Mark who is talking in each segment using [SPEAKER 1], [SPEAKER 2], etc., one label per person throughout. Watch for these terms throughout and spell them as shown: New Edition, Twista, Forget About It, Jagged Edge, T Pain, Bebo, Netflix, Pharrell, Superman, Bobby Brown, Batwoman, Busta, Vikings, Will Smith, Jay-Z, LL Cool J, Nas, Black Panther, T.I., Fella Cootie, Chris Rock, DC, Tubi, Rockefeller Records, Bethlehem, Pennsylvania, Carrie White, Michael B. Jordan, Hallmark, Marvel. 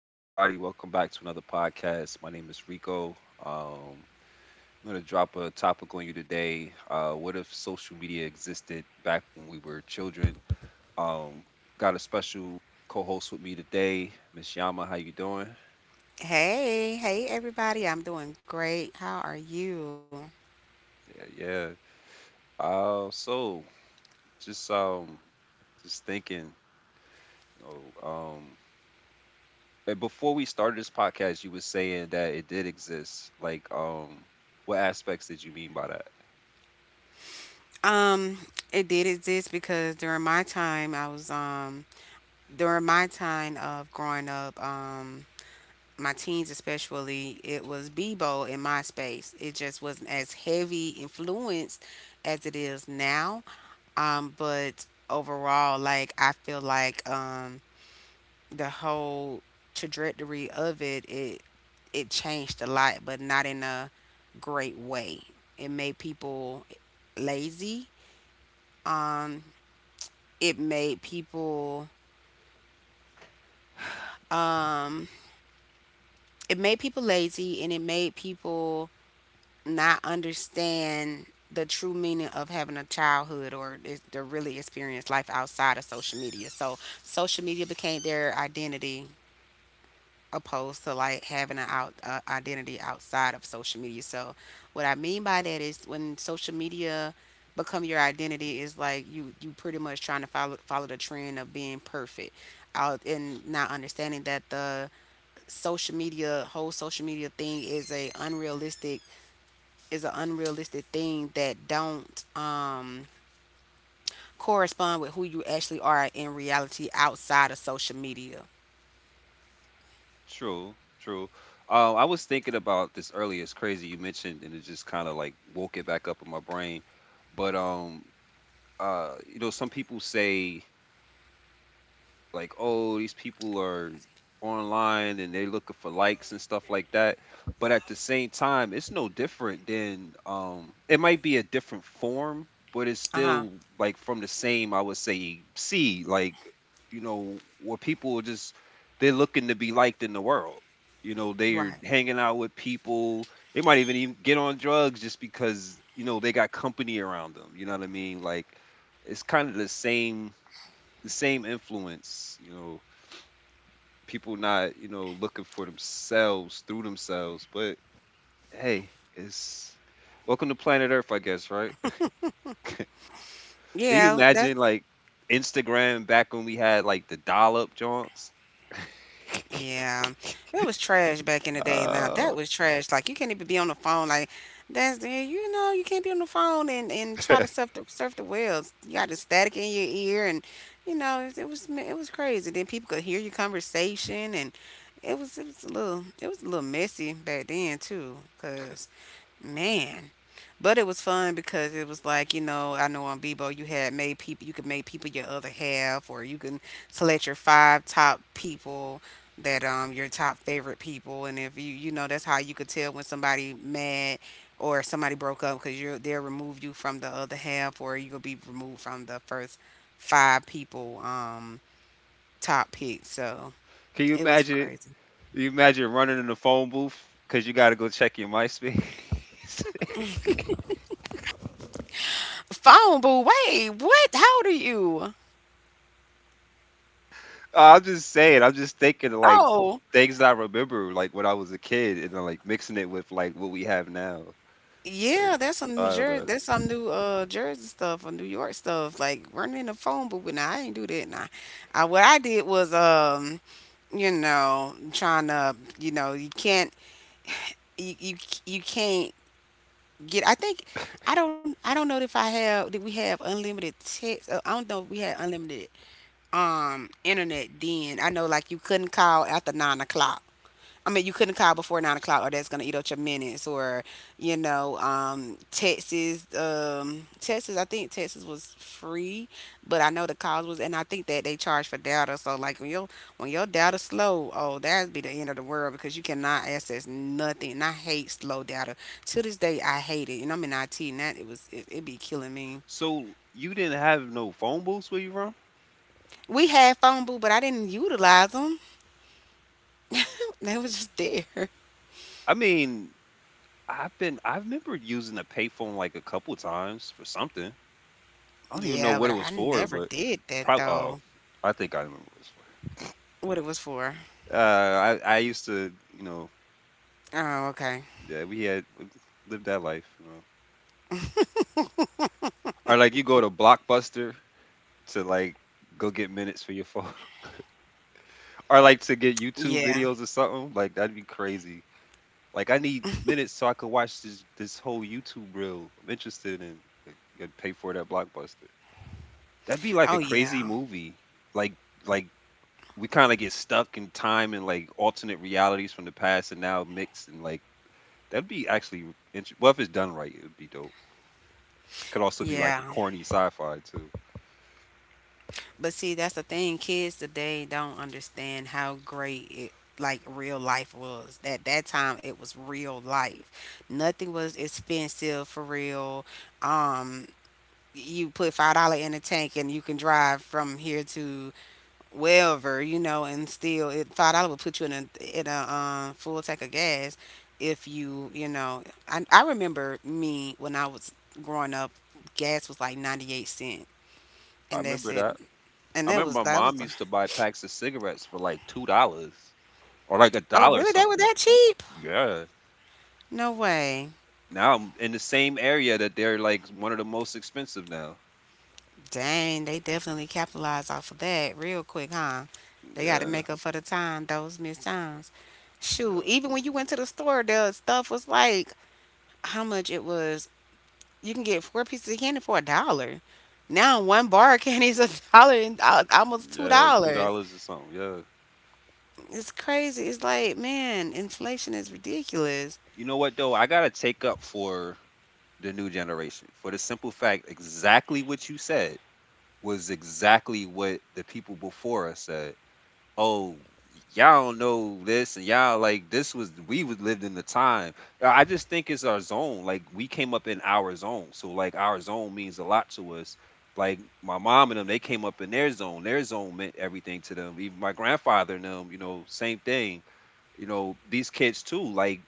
[SPEAKER 1] Peace, everybody. Welcome back to another podcast. My name is Rico. I'm going to drop a topic on you today. What if social media existed back when we were children? Um, got a special co-host with me today, Miss Yama. How you doing?
[SPEAKER 2] Hey, hey everybody. I'm doing great. How are you?
[SPEAKER 1] Yeah, yeah. So just um, just thinking, you know, um, and before we started this podcast, you were saying that it did exist. Like, what aspects did you mean by that?
[SPEAKER 2] Um, it did exist because during my time I was during my time of growing up, my teens especially, it was Bebo in my space. It just wasn't as heavy influenced as it is now. But overall, like I feel like the whole trajectory of it, changed a lot, but not in a great way. It made people lazy. Um, it made people um, it made people lazy, and it made people not understand the true meaning of having a childhood to really experience life outside of social media. So social media became their identity opposed to like having an out identity outside of social media. So what I mean by that is when social media become your identity is like you pretty much trying to follow the trend of being perfect out and not understanding that the social media whole social media thing is a unrealistic is an unrealistic thing that don't correspond with who you actually are in reality outside of social media.
[SPEAKER 1] True, true. I was thinking about this earlier. It's crazy you mentioned, and it just kind of like woke it back up in my brain. But you know, some people say like, oh, these people are online and they're looking for likes and stuff like that, but at the same time it's no different than, it might be a different form, but it's
[SPEAKER 2] Uh-huh.
[SPEAKER 1] still like from the same, I would say, seed. Like, you know, where people are just, they're looking to be liked in the world. You know, they're
[SPEAKER 2] Right.
[SPEAKER 1] hanging out with people, they might even get on drugs just because, you know, they got company around them, you know what I mean. Like, it's kind of the same influence, you know. People not, you know, looking for themselves through themselves. But hey, it's welcome to planet Earth, I guess, right? Can you
[SPEAKER 2] Yeah, that's
[SPEAKER 1] imagine like Instagram back when we had like the dial up jaunts?
[SPEAKER 2] Yeah, it was trash back in the day. Now
[SPEAKER 1] Uh,
[SPEAKER 2] that was trash. Like you can't even be on the phone. Like you know you can't be on the phone and try
[SPEAKER 1] can
[SPEAKER 2] to surf the waves. You got the static in your ear, and you know it, it was crazy. Then people could hear your conversation, and it was a little it was a little messy back then too. Cause Man. But it was fun because it was like, you know, I know on Bebo you could make people your other half, or you can select your five top people that your top favorite people, and if you know, that's how you could tell when somebody mad or somebody broke up because you're they'll remove you from the other half, or you'll be removed from the first five people top pick. So
[SPEAKER 1] you
[SPEAKER 2] it was
[SPEAKER 1] imagine
[SPEAKER 2] crazy.
[SPEAKER 1] Can you imagine running in the phone booth because you got to go check your MySpace?
[SPEAKER 2] Wait, what? How old are you?
[SPEAKER 1] I'm just saying. I'm just thinking of, like,
[SPEAKER 2] Oh.
[SPEAKER 1] things that I remember, like when I was a kid, and then like mixing it with like what we have now.
[SPEAKER 2] Yeah, that's some New
[SPEAKER 1] I don't
[SPEAKER 2] Jersey.
[SPEAKER 1] know.
[SPEAKER 2] That's some new Jersey stuff or New York stuff. Like running in the phone booth. But nah, I ain't do that. Nah, I, what I did was you know, trying to, you know, you you, you can't get. I think I don't. I don't know if I have. Did we have unlimited text? I don't know if we had unlimited internet then. I know like you couldn't call after 9 o'clock. I mean, you couldn't call before 9 o'clock, or that's gonna eat up your minutes. Or you know, Texas. I think Texas was free, but I know the cause was, and I think that they charge for data. So like when your data slow, oh, that'd be the end of the world because you cannot access nothing. And I hate slow data. To this day, I hate it. And I'm in IT, and that it was it, it be killing me.
[SPEAKER 1] So you didn't have no phone booths where you from?
[SPEAKER 2] We had phone booth, but I didn't utilize them. They was just there.
[SPEAKER 1] I mean, I remember using a payphone like a couple times for something. I don't even know
[SPEAKER 2] Yeah,
[SPEAKER 1] what
[SPEAKER 2] but
[SPEAKER 1] it was
[SPEAKER 2] I
[SPEAKER 1] for,
[SPEAKER 2] never
[SPEAKER 1] but
[SPEAKER 2] did that
[SPEAKER 1] probably, oh,
[SPEAKER 2] though.
[SPEAKER 1] I think I remember what it was for.
[SPEAKER 2] What it was for?
[SPEAKER 1] I used to, you know,
[SPEAKER 2] Oh, okay.
[SPEAKER 1] yeah, we had lived that life, you know. Or like you go to Blockbuster to like go get minutes for your phone or like to get
[SPEAKER 2] Yeah.
[SPEAKER 1] YouTube videos or something. Like, that'd be crazy. Like, I need minutes so I could watch this whole YouTube reel I'm interested in. Like, you gotta pay for that blockbuster. That'd be like
[SPEAKER 2] Oh,
[SPEAKER 1] a crazy
[SPEAKER 2] yeah.
[SPEAKER 1] movie. Like like we kind of get stuck in time and like alternate realities from the past and now mixed, and like that'd be actually well, if it's done right, it would be dope. It could also be like
[SPEAKER 2] Yeah.
[SPEAKER 1] a corny sci-fi too.
[SPEAKER 2] But see, that's the thing. Kids today don't understand how great it like real life was. At that time, it was real life. Nothing was expensive for real. Um, you put $5 in the tank and you can drive from here to wherever, you know, and still it $5 would put you in a full tank of gas if you know. I remember me when I was growing up, gas was like 98 cents,
[SPEAKER 1] I
[SPEAKER 2] and that's
[SPEAKER 1] remember
[SPEAKER 2] it.
[SPEAKER 1] that.
[SPEAKER 2] And
[SPEAKER 1] I
[SPEAKER 2] that was
[SPEAKER 1] remember my
[SPEAKER 2] that was
[SPEAKER 1] mom used to buy packs of cigarettes for like $2 or like a
[SPEAKER 2] oh
[SPEAKER 1] dollar
[SPEAKER 2] really that was
[SPEAKER 1] something.
[SPEAKER 2] that cheap?
[SPEAKER 1] Yeah.
[SPEAKER 2] No way.
[SPEAKER 1] Now I'm in the same area that they're like one of the most expensive now.
[SPEAKER 2] Dang, they definitely capitalized off of that real quick, huh? They got to
[SPEAKER 1] Yeah,
[SPEAKER 2] make up for the time those missed times. Shoot,
[SPEAKER 1] yeah,
[SPEAKER 2] even when you went to the store, the stuff was like how much it was. You can get four pieces of candy for a dollar. Now one bar of candy is a dollar and almost two
[SPEAKER 1] yeah, like two
[SPEAKER 2] dollars.
[SPEAKER 1] dollars or something. Yeah.
[SPEAKER 2] It's crazy. It's like, man, inflation is ridiculous.
[SPEAKER 1] You know what though? I gotta take up for the new generation, for the simple fact exactly what you said was exactly what the people before us said. Oh, y'all don't know this, and y'all like, this was, we was lived in the time. I just think it's our zone. Like, we came up in our zone, so like our zone means a lot to us. Like, my mom and them, they came up in their zone, their zone meant everything to them, even my grandfather and them, you know, same thing. You know, these kids too. Like,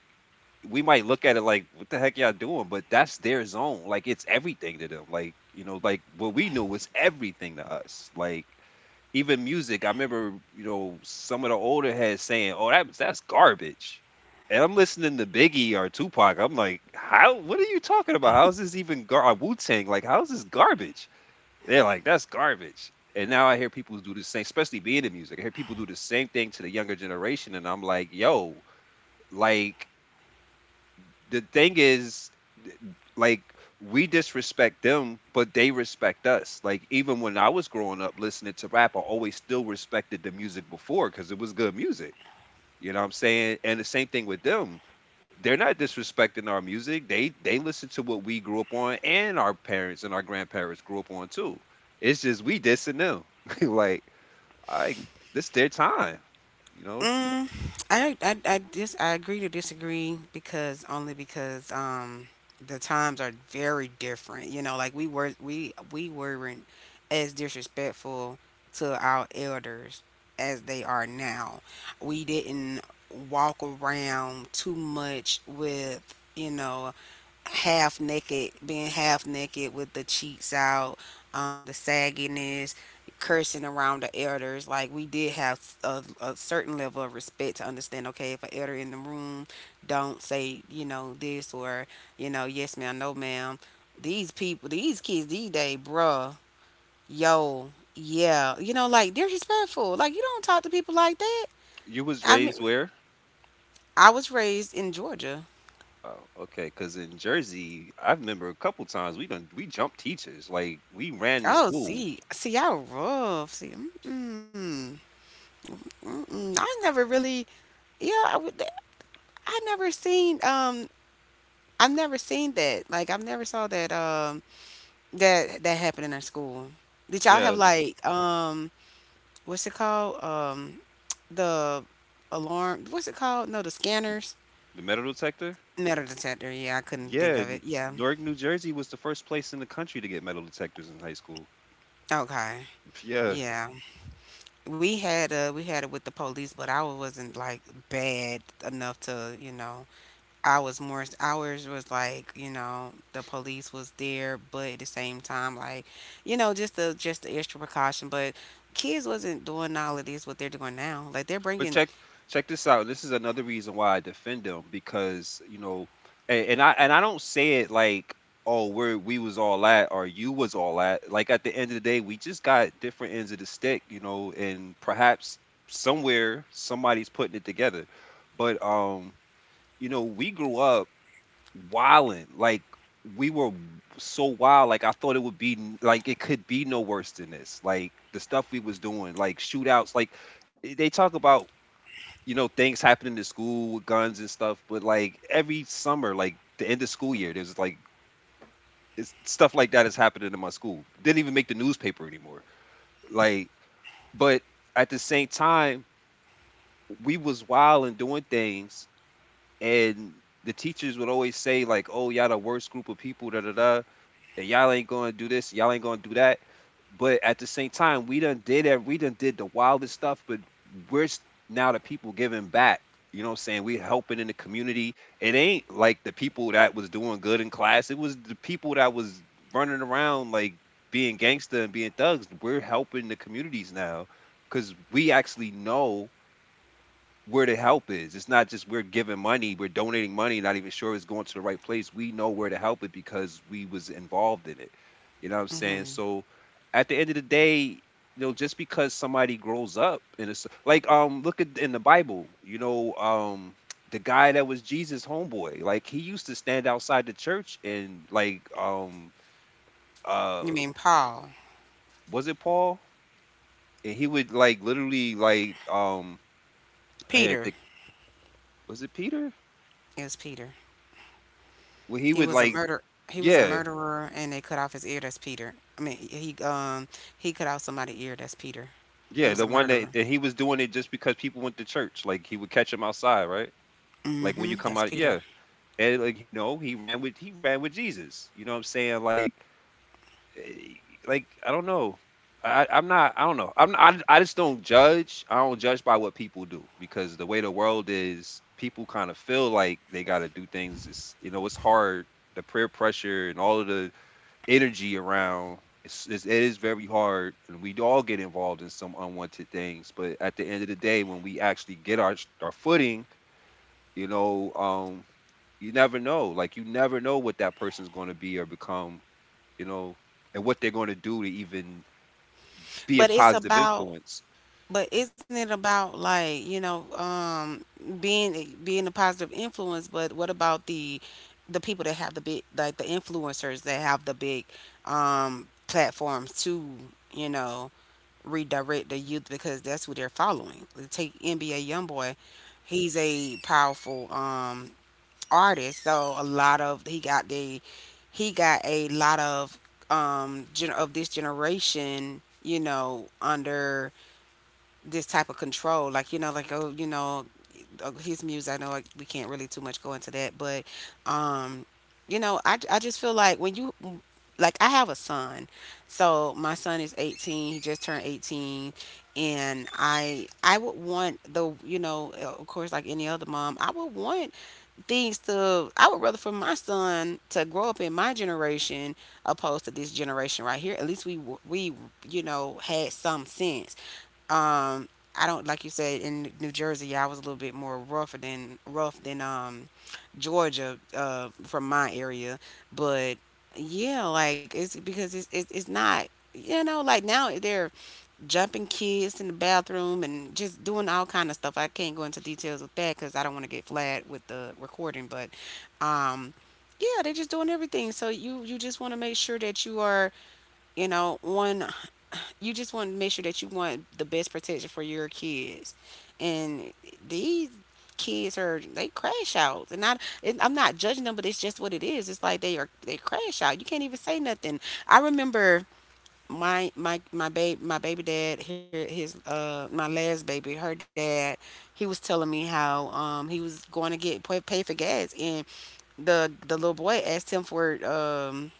[SPEAKER 1] we might look at it like, what the heck y'all doing, but that's their zone. Like, it's everything to them. Like, you know, like what we knew was everything to us. Like, even music, I remember, you know, some of the older heads saying, "Oh, that's garbage." And I'm listening to Biggie or Tupac. I'm like, "How? What are you talking about? How is this even gar Wu Tang? Like, how is this garbage?" They're like, "That's garbage." And now I hear people do the same, especially being in music. I hear people do the same thing to the younger generation, and I'm like, "Yo, like." The thing is, th- like, we disrespect them but they respect us. Like, even when I was growing up listening to rap, I always still respected the music before because it was good music. You know what I'm saying? And the same thing with them. They're not disrespecting our music. They listen to what we grew up on, and our parents and our grandparents grew up on too. It's just we dissing them. Like, I this their time, you know.
[SPEAKER 2] Mm, I agree to disagree because only because the times are very different. You know, like we weren't as disrespectful to our elders as they are now. We didn't walk around too much with you know half naked, being half naked with the cheeks out, the sagginess, cursing around the elders. Like we did have a certain level of respect to understand. Okay, if an elder in the room, don't say you know this or you know yes ma'am, no ma'am. These people, these kids, these day, bruh, yo, yeah, you know, like they're respectful. Like you don't talk to people like that.
[SPEAKER 1] You was
[SPEAKER 2] I mean,
[SPEAKER 1] raised where?
[SPEAKER 2] I was raised in Georgia.
[SPEAKER 1] Oh, okay. Because in Jersey, I remember a couple times we jumped teachers. Like, we ran to
[SPEAKER 2] Oh,
[SPEAKER 1] school.
[SPEAKER 2] see, see, y'all rough. See, mm, mm-mm, I never really, yeah, I, would- I never seen, I've never seen that. Like, I've never saw that, that that happen in our school. Did y'all
[SPEAKER 1] Yeah,
[SPEAKER 2] have like, what's it called? The alarm. What's it called? No, the scanners.
[SPEAKER 1] the metal detector.
[SPEAKER 2] Metal detector. Yeah, I couldn't
[SPEAKER 1] Yeah,
[SPEAKER 2] think of it. Yeah.
[SPEAKER 1] Newark, New Jersey was the first place in the country to get metal detectors in high school.
[SPEAKER 2] Okay.
[SPEAKER 1] Yeah.
[SPEAKER 2] Yeah. We had it with the police, but I wasn't like bad enough to, you know, I was more ours was like, you know, the police was there, but at the same time, like, you know, just the extra precaution. But kids wasn't doing all of this what they're doing now. Like they're
[SPEAKER 1] But
[SPEAKER 2] bringing.
[SPEAKER 1] check, check this out. This is another reason why I defend them, because you know, and I don't say it like, oh, we was all at or you was all at. Like, at the end of the day, we just got different ends of the stick, you know, and perhaps somewhere somebody's putting it together. But you know, we grew up wilding. Like, we were so wild, like I thought it would be like, it could be no worse than this. Like, the stuff we was doing, like shootouts, like they talk about, you know, things happening in school with guns and stuff, but like every summer, like the end of school year, there's like, it's stuff like that is happening in my school. Didn't even make the newspaper anymore. Like, but at the same time, we was wild and doing things, and the teachers would always say like, "Oh, y'all the worst group of people." Da da da. And y'all ain't gonna do this, y'all ain't gonna do that. But at the same time, we done did that, we done did the wildest stuff, but we're s- now the people giving back. You know what I'm saying? We helping in the community. It ain't like the people that was doing good in class. It was the people that was running around like being gangster and being thugs. We're helping the communities now because we actually know where the help is. It's not just we're giving money, we're donating money, not even sure it's going to the right place. We know where to help it because we was involved in it. You know what I'm saying?
[SPEAKER 2] Hmm.
[SPEAKER 1] So at the end of the day, you know, just because somebody grows up in a like, look at, in the Bible, you know, the guy that was Jesus' homeboy, like he used to stand outside the church and like,
[SPEAKER 2] You
[SPEAKER 1] uh
[SPEAKER 2] mean Paul?
[SPEAKER 1] was it Paul? And he would like literally like, I had to
[SPEAKER 2] Peter.
[SPEAKER 1] think, was it Peter?
[SPEAKER 2] It was Peter.
[SPEAKER 1] Well, he
[SPEAKER 2] He
[SPEAKER 1] would
[SPEAKER 2] was a
[SPEAKER 1] like,
[SPEAKER 2] murder. He was a
[SPEAKER 1] yeah.
[SPEAKER 2] murderer, and they cut off his ear. That's Peter. I mean, he cut off somebody's ear. That's Peter. He
[SPEAKER 1] Yeah,
[SPEAKER 2] was a
[SPEAKER 1] the one that,
[SPEAKER 2] murderer.
[SPEAKER 1] that he was doing it just because people went to church. Like, he would catch him outside, right? Like, when
[SPEAKER 2] Hmm.
[SPEAKER 1] you come
[SPEAKER 2] That's
[SPEAKER 1] out,
[SPEAKER 2] Peter.
[SPEAKER 1] yeah. And like, you know, he ran with Jesus. You know what I'm saying? Like, eh, like I don't know. I'm not. I don't know. I'm. I just don't judge. I don't judge by what people do because the way the world is, people kind of feel like they got to do things. It's, you know, it's hard. The peer pressure and all of the energy around. It is very hard, and we all get involved in some unwanted things. But at the end of the day, when we actually get our footing, you know, you never know. Like, you never know what that person's going to be or become, you know, and what they're going to do to even be a
[SPEAKER 2] But it's
[SPEAKER 1] positive
[SPEAKER 2] about
[SPEAKER 1] influence.
[SPEAKER 2] But isn't it about like, you know, being a positive influence, but what about the people that have the big like the influencers that have the big platforms to, you know, redirect the youth because that's who they're following. Take NBA YoungBoy, he's a powerful artist, so a lot of he got the he got a lot of of this generation, you know, under this type of control like you know like oh you know his music. I know like, we can't really too much go into that, but um you know, I just feel like when you, like I have a son. So my son is 18, he just turned 18, and I would want the you know of course, like any other mom, I would want things to I would rather for my son to grow up in my generation opposed to this generation right here. At least we you know had some sense, um, I don't like you said in New Jersey. Yeah, I was a little bit more rougher than rough than Georgia from my area, but yeah, like it's because it's not you know like now they're jumping kids in the bathroom and just doing all kind of stuff. I can't go into details with that because I don't want to get flagged with the recording, but um yeah, they're just doing everything. So you just want to make sure that you are you know on, you just want to make sure that you want the best protection for your kids. And these kids are they crash out, and I'm not judging them, but it's just what it is. It's like they crash out. You can't even say nothing. I remember my baby dad here his my last baby her dad, he was telling me how he was going to get pay for gas and the little boy asked him for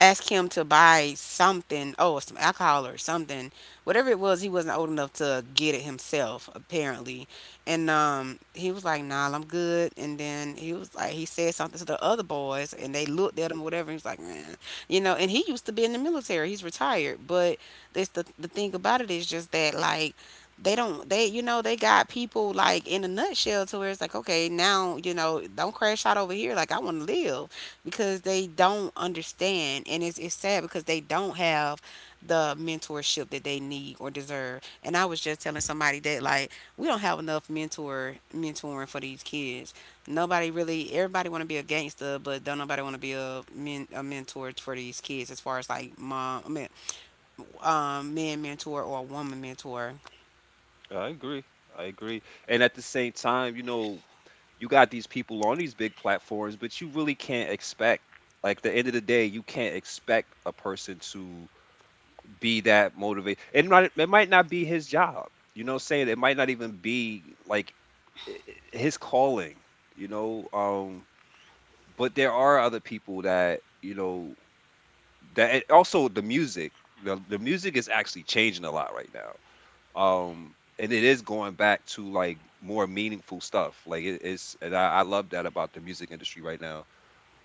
[SPEAKER 2] ask him to buy something, oh, some alcohol or something, whatever it was. He wasn't old enough to get it himself, apparently. And he was like, "Nah, I'm good." And then he was like, he said something to the other boys, and they looked at him, or whatever. And he was like, "Man, you know." And he used to be in the military. He's retired, but this the thing about it is just that, like, they don't they you know, they got people, like, in a nutshell, to where it's like, okay, now, you know, don't crash out over here, like, I want to live because they don't understand. And it's sad because they don't have the mentorship that they need or deserve. And I was just telling somebody that, like, we don't have enough mentoring for these kids. Nobody really, everybody want to be a gangster, but don't nobody want to be a, a mentor for these kids, as far as like man mentor or a woman mentor.
[SPEAKER 1] I agree. I agree. And at the same time, you know, you got these people on these big platforms, but you really can't expect. Like, the end of the day, you can't expect a person to be that motivate. It might not be his job, you know what I'm saying. It might not even be like i- his calling, you know. But there are other people that, you know, that, and also the music, the music is actually changing a lot right now. And it is going back to like more meaningful stuff, like it is, and I love that about the music industry right now.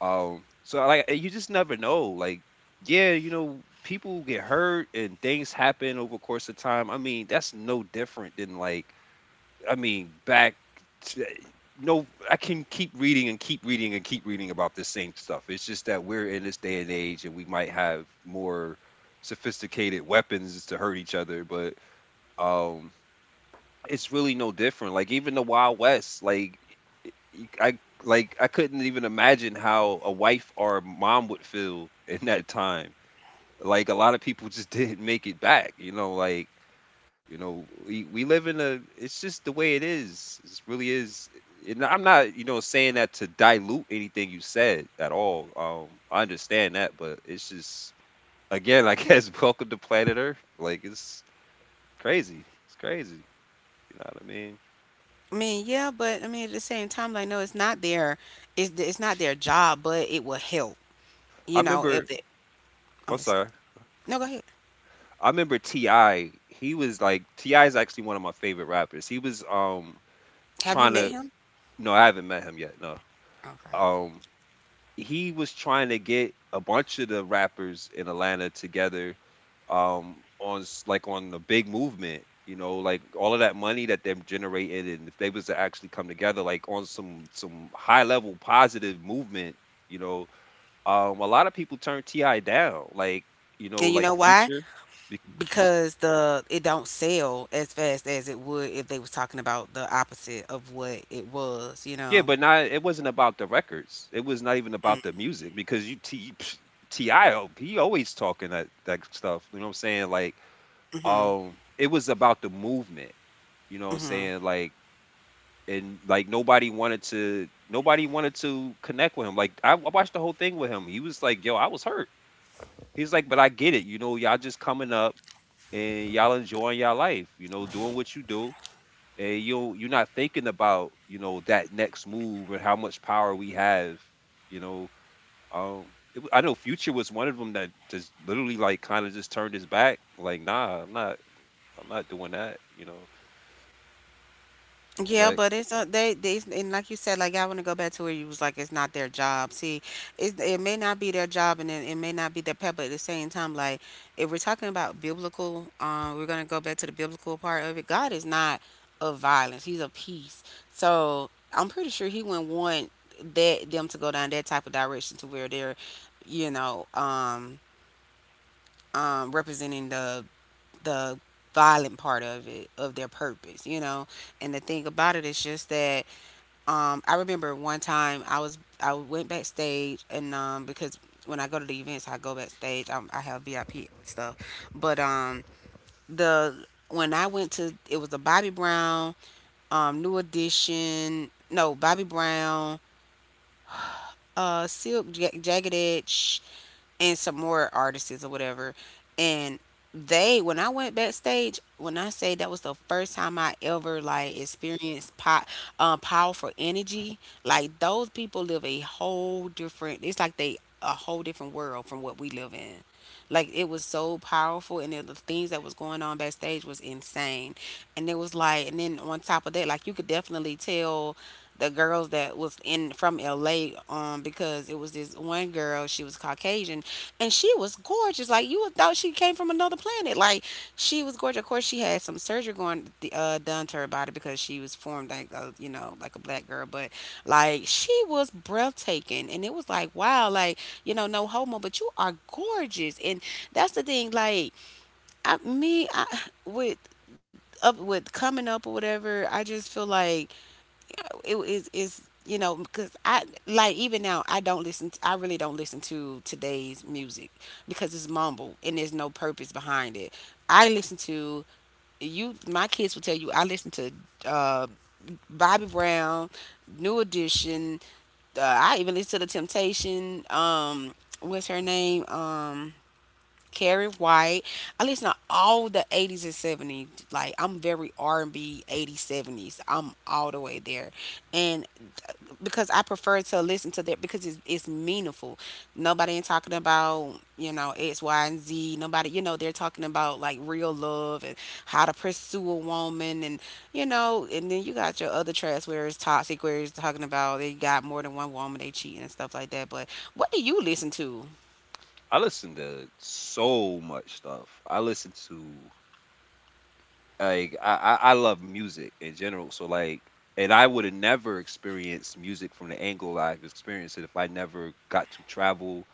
[SPEAKER 1] So like, eh, you just never know. Like, yeah, you know, people get hurt and things happen over the course of time. I mean, that's no different than, I mean, back to, no, I can keep reading and keep reading and keep reading about this same stuff. It's just that we're in this day and age and we might have more sophisticated weapons to hurt each other, but um it's really no different. Like even the Wild West, like you- I like I couldn't even imagine how a wife or a mom would feel in that time. Like a lot of people just didn't make it back, we, live in a, it's just the way it is. It really is. And I'm not, saying that to dilute anything you said at all. I understand that, but it's just, again, I guess, welcome to planet Earth. Like, it's crazy. It's crazy. You know what I mean?
[SPEAKER 2] I mean, yeah, but I mean, at the same time, like, no, it's not their it's not their job, but it will help,
[SPEAKER 1] I
[SPEAKER 2] you know,
[SPEAKER 1] remember,
[SPEAKER 2] if they…
[SPEAKER 1] I'm
[SPEAKER 2] I'm listening.
[SPEAKER 1] sorry.
[SPEAKER 2] No, go ahead.
[SPEAKER 1] I remember T.I. He was like, T.I. is actually one of my favorite rappers. He was
[SPEAKER 2] Have you
[SPEAKER 1] trying
[SPEAKER 2] met
[SPEAKER 1] to,
[SPEAKER 2] him?
[SPEAKER 1] no, I haven't met him yet. No.
[SPEAKER 2] Okay.
[SPEAKER 1] Um he was trying to get a bunch of the rappers in Atlanta together, on like on the big movement, you know, like all of that money that they've generated, and if they was to actually come together like on some high level positive movement, you know, a lot of people turned T.I. down. Like, you know,
[SPEAKER 2] And you
[SPEAKER 1] like
[SPEAKER 2] know why?
[SPEAKER 1] Future.
[SPEAKER 2] Because the it don't sell as fast as it would if they was talking about the opposite of what it was, you
[SPEAKER 1] Yeah,
[SPEAKER 2] know.
[SPEAKER 1] but not, it wasn't about the records. It was not even about the music, because you T, T I O, he always talking that stuff. You know what I'm saying? Like,
[SPEAKER 2] Mm-hmm.
[SPEAKER 1] it was about the movement. You know what I'm
[SPEAKER 2] Mm-hmm.
[SPEAKER 1] saying? Like, and like, nobody wanted to connect with him. Like, I watched the whole thing with him. He was like, "Yo, I was hurt." He's like, "But I get it. You know, y'all just coming up and y'all enjoying y'all life. You know, doing what you do." And you, you're not thinking about, you know, that next move and how much power we have, you know. It, I know Future was one of them that just literally like kind of just turned his back, like, nah, I'm not, I'm not doing that, you know.
[SPEAKER 2] Yeah,
[SPEAKER 1] Like,
[SPEAKER 2] but it's they and, like you said, like, I want to go back to where you was like, it's not their job. See, it may not be their job, and it may not be their pet, but at the same time, like, if we're talking about biblical, we're gonna go back to the biblical part of it. God is not of violence; He's of peace. So I'm pretty sure He wouldn't want that them to go down that type of direction to where they're, you know, representing the violent part of it of their purpose, you know. And the thing about it is just that, I remember one time I was I went backstage, and um, because when I go to the events, I go backstage. Um, I have VIP stuff, but um, the when I went to, it was a Bobby Brown, um, New Edition, no, Bobby Brown, Silk, Jagged Edge, and some more artists or whatever. And they, when I went backstage, when I say that was the first time I ever like experienced powerful energy, like those people live a whole different. It's like they a whole different world from what we live in. Like, it was so powerful, and then the things that was going on backstage was insane. And it was like, and then on top of that, like you could definitely tell the girls that was in from LA, um, because it was this one girl, she was Caucasian and she was gorgeous. Like you would thought she came from another planet. Like, she was gorgeous. Of course, she had some surgery going, done to her body because she was formed like a, you know, like a black girl. But like, she was breathtaking, and it was like, wow, like, you know, no homo, but you are gorgeous. And that's the thing. Like, I, me, I with up with coming up or whatever, I just feel like it is you know, because I like, even now, I don't listen to, I really don't listen to today's music because it's mumble and there's no purpose behind it. I listen to, you, my kids will tell you, I listen to, uh Bobby Brown, New Edition, I even listen to the Temptation, what's her name, Carrie White. I listen to all the 80s and 70s. Like, I'm very R&B, 80s, 70s. I'm all the way there. And because I prefer to listen to that because it's meaningful. Nobody ain't talking about, you know, X, Y, and Z. Nobody, you know, they're talking about like real love and how to pursue a woman, and, you know. And then you got your other trash where it's toxic, where it's talking about they got more than one woman, they cheating and stuff like that. But what do you listen to?
[SPEAKER 1] I listen to so much stuff. I listen to, like, I love music in general, so like, and I would have never experienced music from the angle I've experienced it if I never got to travel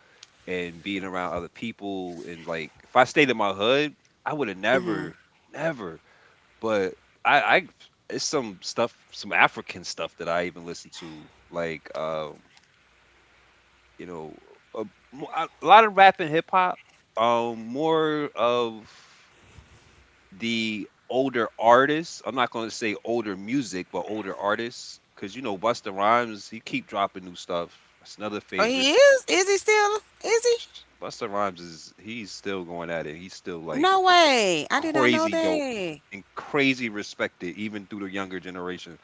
[SPEAKER 1] and being around other people. And like, if I stayed in my hood, I would have never, never. But I, it's some stuff, some African stuff that I even listen to, like, you know, a, mo- a lot of rap and hip hop, more of the older artists. I'm not going to say older music, but older artists, because, you know, Busta Rhymes, he keep dropping new stuff. That's another
[SPEAKER 2] Oh,
[SPEAKER 1] favorite.
[SPEAKER 2] he is? Is he still? Is he?
[SPEAKER 1] Busta Rhymes is he's still going at it. He's still like
[SPEAKER 2] No way, I did not know
[SPEAKER 1] crazy dope,
[SPEAKER 2] that.
[SPEAKER 1] and crazy respected even through the younger generation.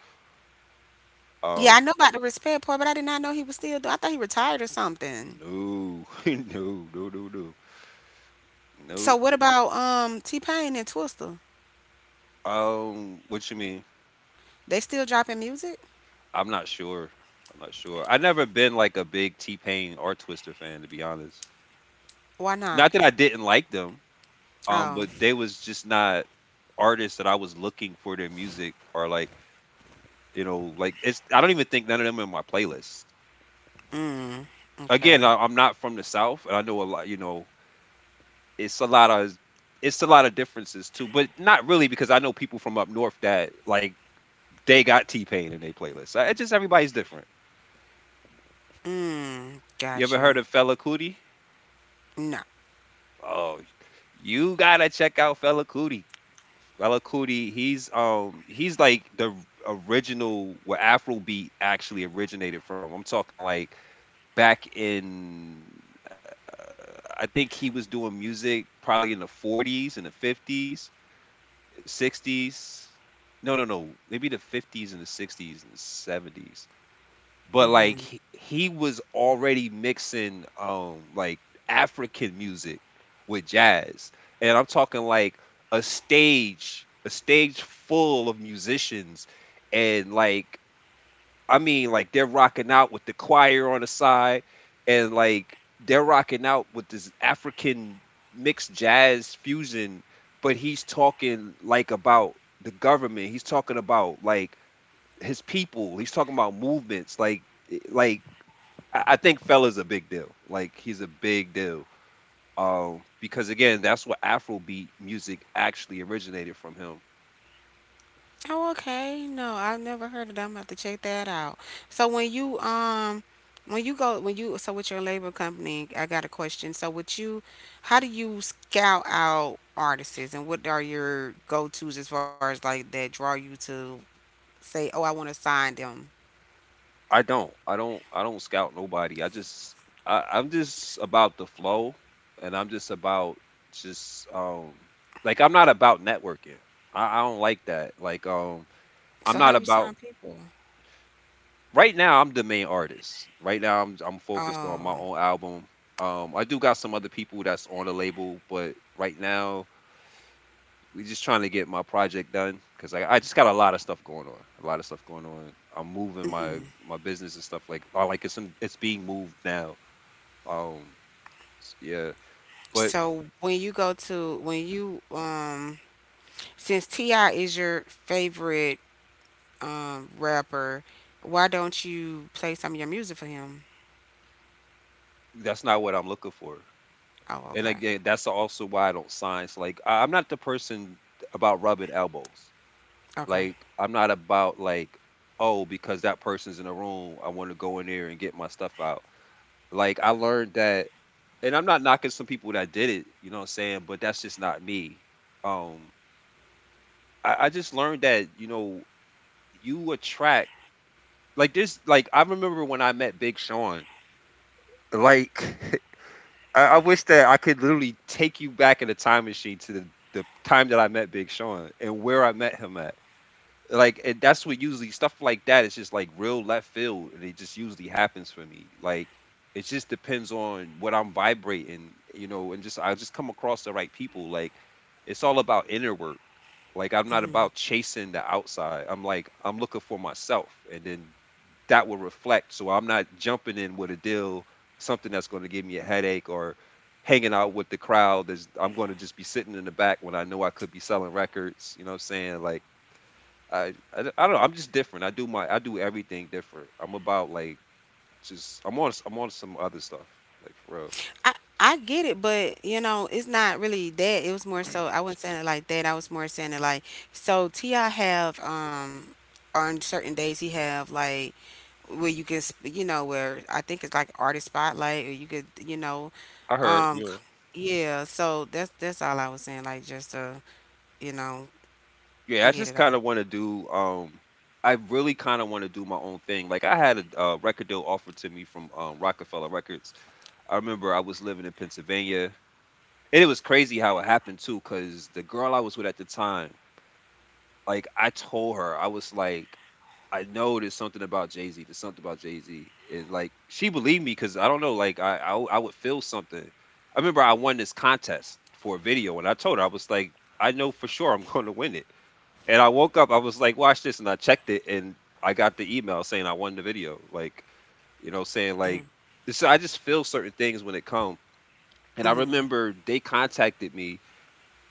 [SPEAKER 2] Yeah, I
[SPEAKER 1] Um,
[SPEAKER 2] know about the respect part, but I did not know he was still, I thought he retired or something.
[SPEAKER 1] no, No,
[SPEAKER 2] So
[SPEAKER 1] no.
[SPEAKER 2] what about um, T Pain and Twista?
[SPEAKER 1] What you mean?
[SPEAKER 2] They still dropping music?
[SPEAKER 1] I'm not sure. I'm not sure. I never been like a big T Pain or Twister fan, to be honest.
[SPEAKER 2] Why not?
[SPEAKER 1] Not that I didn't like them,
[SPEAKER 2] Oh,
[SPEAKER 1] but they was just not artists that I was looking for their music. Or like, you know, like it's, I don't even think none of them in my playlist.
[SPEAKER 2] mm,
[SPEAKER 1] Again,
[SPEAKER 2] okay,
[SPEAKER 1] I'm not from the South, and I know a lot. You know, it's a lot of it's a lot of differences too, but not really, because I know people from up north that like, they got T Pain in their playlist. I, it's just everybody's different.
[SPEAKER 2] mm,
[SPEAKER 1] You
[SPEAKER 2] got
[SPEAKER 1] ever
[SPEAKER 2] you.
[SPEAKER 1] heard of Fella Cootie?
[SPEAKER 2] No.
[SPEAKER 1] Oh, you gotta check out Fella Cootie. Fella Cootie, he's like the original where Afrobeat actually originated from. I'm talking, like, back in I think he was doing music probably in the 40s and the 50s, 60s. No, no, no. Maybe the 50s and the 60s and the 70s. But like,
[SPEAKER 2] Mm-hmm.
[SPEAKER 1] he was already mixing like African music with jazz. And I'm talking like a stage full of musicians, and like, I mean, like they're rocking out with the choir on the side, and like they're rocking out with this African mixed jazz fusion, but he's talking like about the government. He's talking about like his people. He's talking about movements. Like, eh, like I think Fella's a big deal. Like, he's a big deal. Because again, that's what Afrobeat music actually originated from him.
[SPEAKER 2] Oh, okay. No, I've never heard of them. I have to check that out. So when you go when you so with your label company, I got a question. So with you, how do you scout out artists, and what are your go-tos, as far as like that draw you to say, "Oh, I want to sign them."
[SPEAKER 1] I don't. I don't. I don't scout nobody. I just. I'm just about the flow, and I'm just about just like, I'm not about networking. I don't like that. Like,
[SPEAKER 2] So
[SPEAKER 1] I'm
[SPEAKER 2] how
[SPEAKER 1] not
[SPEAKER 2] do you sign
[SPEAKER 1] about,
[SPEAKER 2] people?
[SPEAKER 1] right now, I'm the main artist. Right now, I'm focused on my
[SPEAKER 2] Oh.
[SPEAKER 1] own album. Um, I do got some other people that's on the label, but right now we're just trying to get my project done, because I just got a lot of stuff going on. A lot of stuff going on. I'm moving my business and stuff, like, it's being moved now. Um, yeah, but
[SPEAKER 2] So when you since T.I. is your favorite um, rapper, why don't you play some of your music for him?
[SPEAKER 1] that's not what I'm looking for.
[SPEAKER 2] Oh,
[SPEAKER 1] And
[SPEAKER 2] okay.
[SPEAKER 1] again, that's also why I don't sign. So like, I'm not the person about rubbing elbows.
[SPEAKER 2] Okay.
[SPEAKER 1] Like, I'm not about like, oh, because that person's in the room, I want to go in there and get my stuff out. Like, I learned that, and I'm not knocking some people that did it. You know what I'm saying? But that's just not me. Um, I just learned that, you know, you attract like this. Like, I remember when I met Big Sean. Like. I wish that I could literally take you back in a time machine to the time that I met Big Sean and where I met him at. Like, and that's what usually stuff like that is just like real left field, and it just usually happens for me. Like, it just depends on what I'm vibrating, you know, and just, I just come across the right people. Like, it's all about inner work. Like, I'm not
[SPEAKER 2] Mm-hmm.
[SPEAKER 1] about chasing the outside. I'm like, I'm looking for myself, and then that will reflect. So I'm not jumping in with a deal, something that's going to give me a headache, or hanging out with the crowd. That's, I'm going to just be sitting in the back when I know I could be selling records. You know what I'm saying? Like, I, I I don't know. I'm just different. I do my, I do everything different. I'm about like, just, I'm on some other stuff. Like, for real.
[SPEAKER 2] I get it, but you know, it's not really that. It was more so, I wasn't saying it like that. I was more saying it like, so T.I. have, um, on certain days he have like, where you can you know, where, I think it's like artist spotlight, or you could, you know,
[SPEAKER 1] I heard. Yeah.
[SPEAKER 2] yeah, so that's all I was saying, like, just to, you know,
[SPEAKER 1] Yeah. I
[SPEAKER 2] get
[SPEAKER 1] just
[SPEAKER 2] it
[SPEAKER 1] kind
[SPEAKER 2] out.
[SPEAKER 1] of want to do. I really kind of want to do my own thing. Like, I had a record deal offered to me from Rockefeller Records. I remember I was living in Pennsylvania. And it was crazy how it happened too, because the girl I was with at the time, like I told her, I was like, I know there's something about Jay Z. There's something about Jay Z, and like she believed me, because I don't know, like I would feel something. I remember I won this contest for a video, and I told her I was like, I know for sure I'm going to win it. And I woke up, I was like, watch this, and I checked it, and I got the email saying I won the video. Like, you know, saying like, so I just feel certain things when it come. And I
[SPEAKER 2] Mhm.
[SPEAKER 1] remember they contacted me,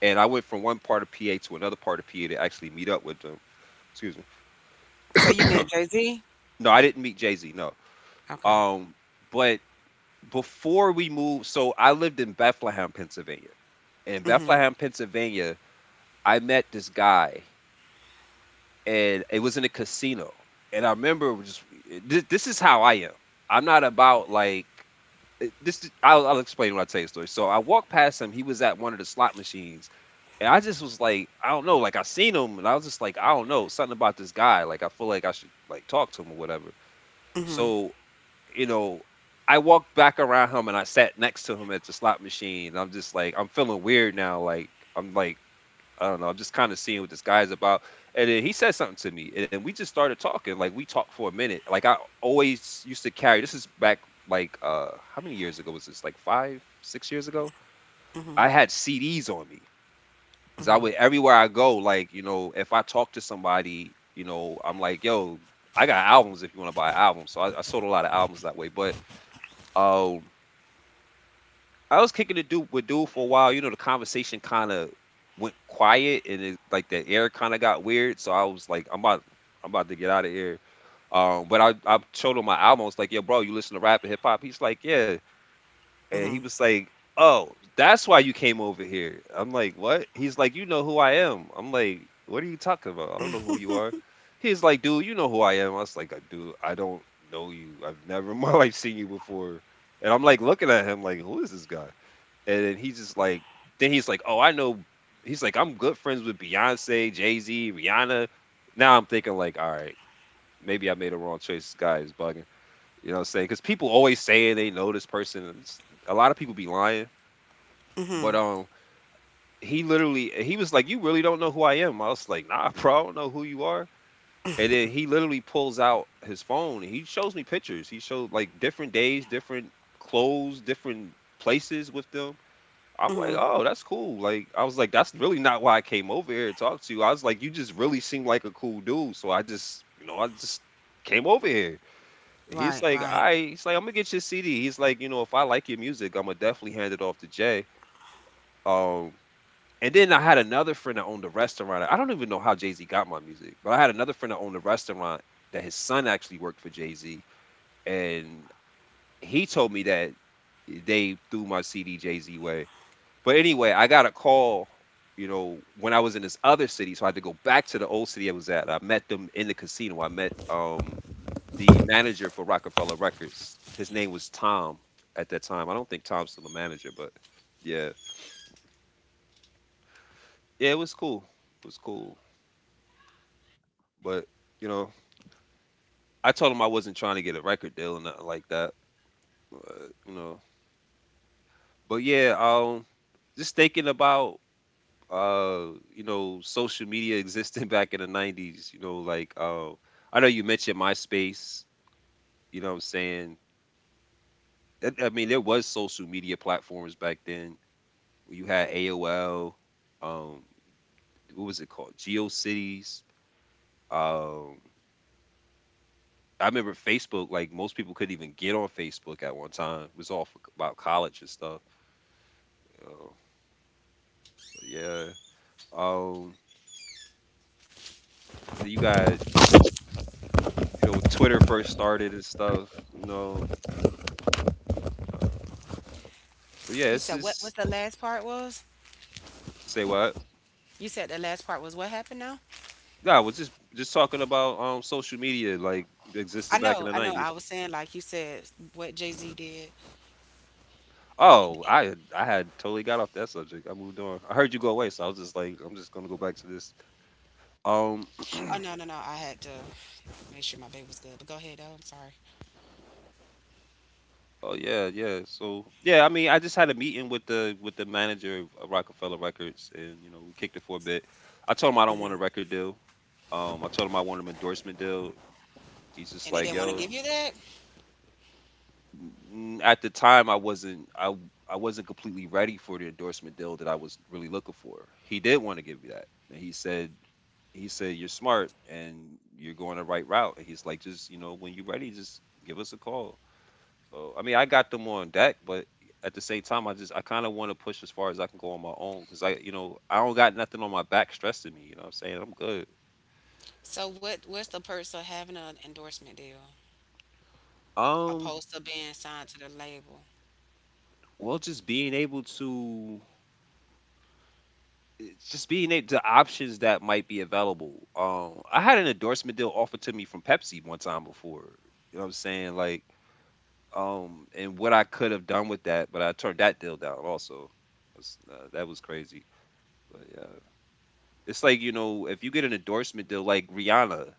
[SPEAKER 1] and I went from one part of PA to another part of PA to actually meet up with them. Excuse me.
[SPEAKER 2] So you met Jay-Z?
[SPEAKER 1] No, I didn't meet Jay Z. No.
[SPEAKER 2] Okay.
[SPEAKER 1] Um, but before we moved, so I lived in Bethlehem, Pennsylvania. In
[SPEAKER 2] Mhm.
[SPEAKER 1] Bethlehem, Pennsylvania, I met this guy, and it was in a casino. And I remember just this is how I am. I'm not about like this. I'll explain when I tell you the story. So I walked past him. He was at one of the slot machines, and I just was like, I don't know, like I seen him and I was just like, I don't know, something about this guy. Like, I feel like I should like talk to him or whatever.
[SPEAKER 2] Mhm.
[SPEAKER 1] So, you know, I walked back around him and I sat next to him at the slot machine. And I'm just like, I'm feeling weird now. Like, I'm like, I don't know, I'm just kind of seeing what this guy's about. And then he said something to me. And then we just started talking. Like, we talked for a minute. Like I always used to carry this is back like uh how many years ago was this? Like 5, 6 years ago? I had CDs on me. Cause I would everywhere I go, like, you know, if I talk to somebody, you know, I'm like, yo, I got albums if you want to buy an album. So I sold a lot of albums that way. But um I was kicking it dude with dude for a while. You know, the conversation kind of went quiet and it like the air kind of got weird. So I was like, I'm about to get out of here. I showed him my album. I was like, yo, bro, you listen to rap and hip hop? He's like, yeah. And he
[SPEAKER 2] Mhm.
[SPEAKER 1] was like, "Oh, that's why you came over here." I'm like, "What?" He's like, "You know who I am." I'm like, "What are you talking about? I don't know who you are." He's like, "Dude, you know who I am." I was like, "Dude, I don't know you. I've never in my life seen you before." And I'm like looking at him like, "Who is this guy?" And then he's like, "Oh, I know." He's like, "I'm good friends with Beyonce, Jay Z, Rihanna." Now I'm thinking like, "All right, maybe I made a wrong choice. This guy is bugging." You know what I'm saying? Because people always say they know this person. A lot of people be lying. But
[SPEAKER 2] Mhm.
[SPEAKER 1] he was like, "You really don't know who I am." I was like, "Nah, bro, I don't know who you are." And then he literally pulls out his phone and he shows me pictures. He showed like different days, different clothes, different places with them. I'm like,
[SPEAKER 2] Mhm.
[SPEAKER 1] "Oh, that's cool." Like I was like, "That's really not why I came over here to talk to you." I was like, "You just really seem like a cool dude." So I just, you know, I just came over here. He's
[SPEAKER 2] Right,
[SPEAKER 1] like,
[SPEAKER 2] right.
[SPEAKER 1] "I." He's like, "I'm gonna get your CD." He's like, "You know, if I like your music, I'm gonna definitely hand it off to Jay." Um, and then I had another friend that owned a restaurant. I don't even know how Jay Z got my music, but I had another friend that owned a restaurant that his son actually worked for Jay Z, and he told me that they threw my CD Jay Z way. But anyway, I got a call, you know, when I was in this other city, so I had to go back to the old city I was at. I met them in the casino. I met the manager for Rockefeller Records. His name was Tom at that time. I don't think Tom's still a manager, but yeah. Yeah, it was cool. It was cool. But, you know, I told him I wasn't trying to get a record deal or nothing like that. Uh, you know. But yeah, just thinking about you know, social media existing back in the 90s, you know, I know you mentioned MySpace, you know what I'm saying? I mean there was social media platforms back then. You had AOL, um what was it called, Geocities. um I remember Facebook, like most people couldn't even get on Facebook at one time, it was about college and stuff. You, but yeah. um then you got, you know, Twitter first started and stuff, you know. uh, but yeah,
[SPEAKER 2] You
[SPEAKER 1] it's
[SPEAKER 2] said, what
[SPEAKER 1] just
[SPEAKER 2] what's the last part was?
[SPEAKER 1] Say what?
[SPEAKER 2] You said that last part was what happened now?
[SPEAKER 1] Nah, I was just talking about social media, like existed
[SPEAKER 2] I
[SPEAKER 1] back in the
[SPEAKER 2] know, I know.
[SPEAKER 1] nineties.
[SPEAKER 2] I was saying, like, you said what Jay Z did.
[SPEAKER 1] Oh, I had totally got off that subject. I moved on. I heard you go away, so I was just like, I'm just gonna go back to this. Um,
[SPEAKER 2] Oh no, no, no. I had to make sure my baby was good. But go ahead though. I'm sorry.
[SPEAKER 1] oh yeah, yeah. So yeah, I mean, I just had a meeting with the manager of Rockefeller Records, and you know, we kicked it for a bit. I told him I don't want a record deal. I told him I want an endorsement deal. He's just
[SPEAKER 2] And they
[SPEAKER 1] like,
[SPEAKER 2] didn't want to
[SPEAKER 1] yo,
[SPEAKER 2] give you that.
[SPEAKER 1] at the time I wasn't completely ready for the endorsement deal that I was really looking for. He did want to give me that. And he said you're smart and you're going the right route. And he's like just, you know, when you're ready just give us a call. So I mean, I got them on deck, but at the same time I kind of want to push as far as I can go on my own, cuz I, you know, I don't got nothing on my back stressing me, you know what I'm saying? I'm good.
[SPEAKER 2] So what? What's the purpose of having an endorsement deal
[SPEAKER 1] Um,
[SPEAKER 2] opposed to being signed to the label?
[SPEAKER 1] well just being able to, it's just being able the options that might be available. I had an endorsement deal offered to me from Pepsi one time before. You know what I'm saying? Like, and what I could have done with that, but I turned that deal down also. That was crazy. But yeah, it's like you know, if you get an endorsement deal like Rihanna,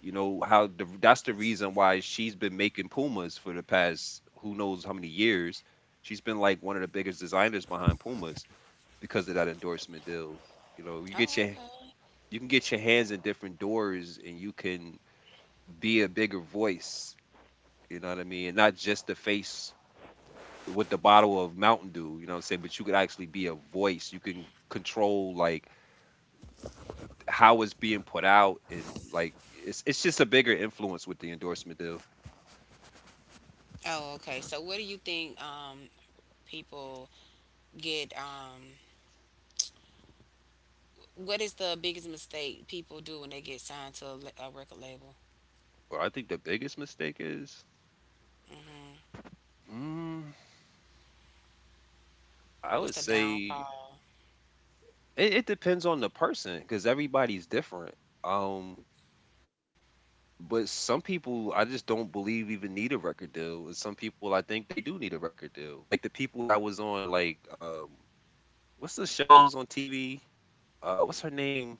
[SPEAKER 1] you know how that's the reason why she's been making Pumas for the past who knows how many years. She's been like one of the biggest designers behind Pumas because of that endorsement deal. You know,
[SPEAKER 2] Oh, okay.
[SPEAKER 1] you can get your hands in different doors and you can be a bigger voice, you know what I mean, and not just the face with the bottle of Mountain Dew, you know what I'm saying? But you could actually be a voice, you can control like how it's being put out, and it's just a bigger influence with the endorsement deal.
[SPEAKER 2] Oh, okay. So what do you think, people get? What is the biggest mistake people do when they get signed to a, a record label?
[SPEAKER 1] Well, I think the biggest mistake is
[SPEAKER 2] Hmm.
[SPEAKER 1] mm, I would
[SPEAKER 2] What's the
[SPEAKER 1] say
[SPEAKER 2] downfall?
[SPEAKER 1] it depends on the person because everybody's different. um But some people I just don't believe even need a record deal, and some people I think they do need a record deal. Like the people that was on like what's the shows on TV? Uh, what's her name?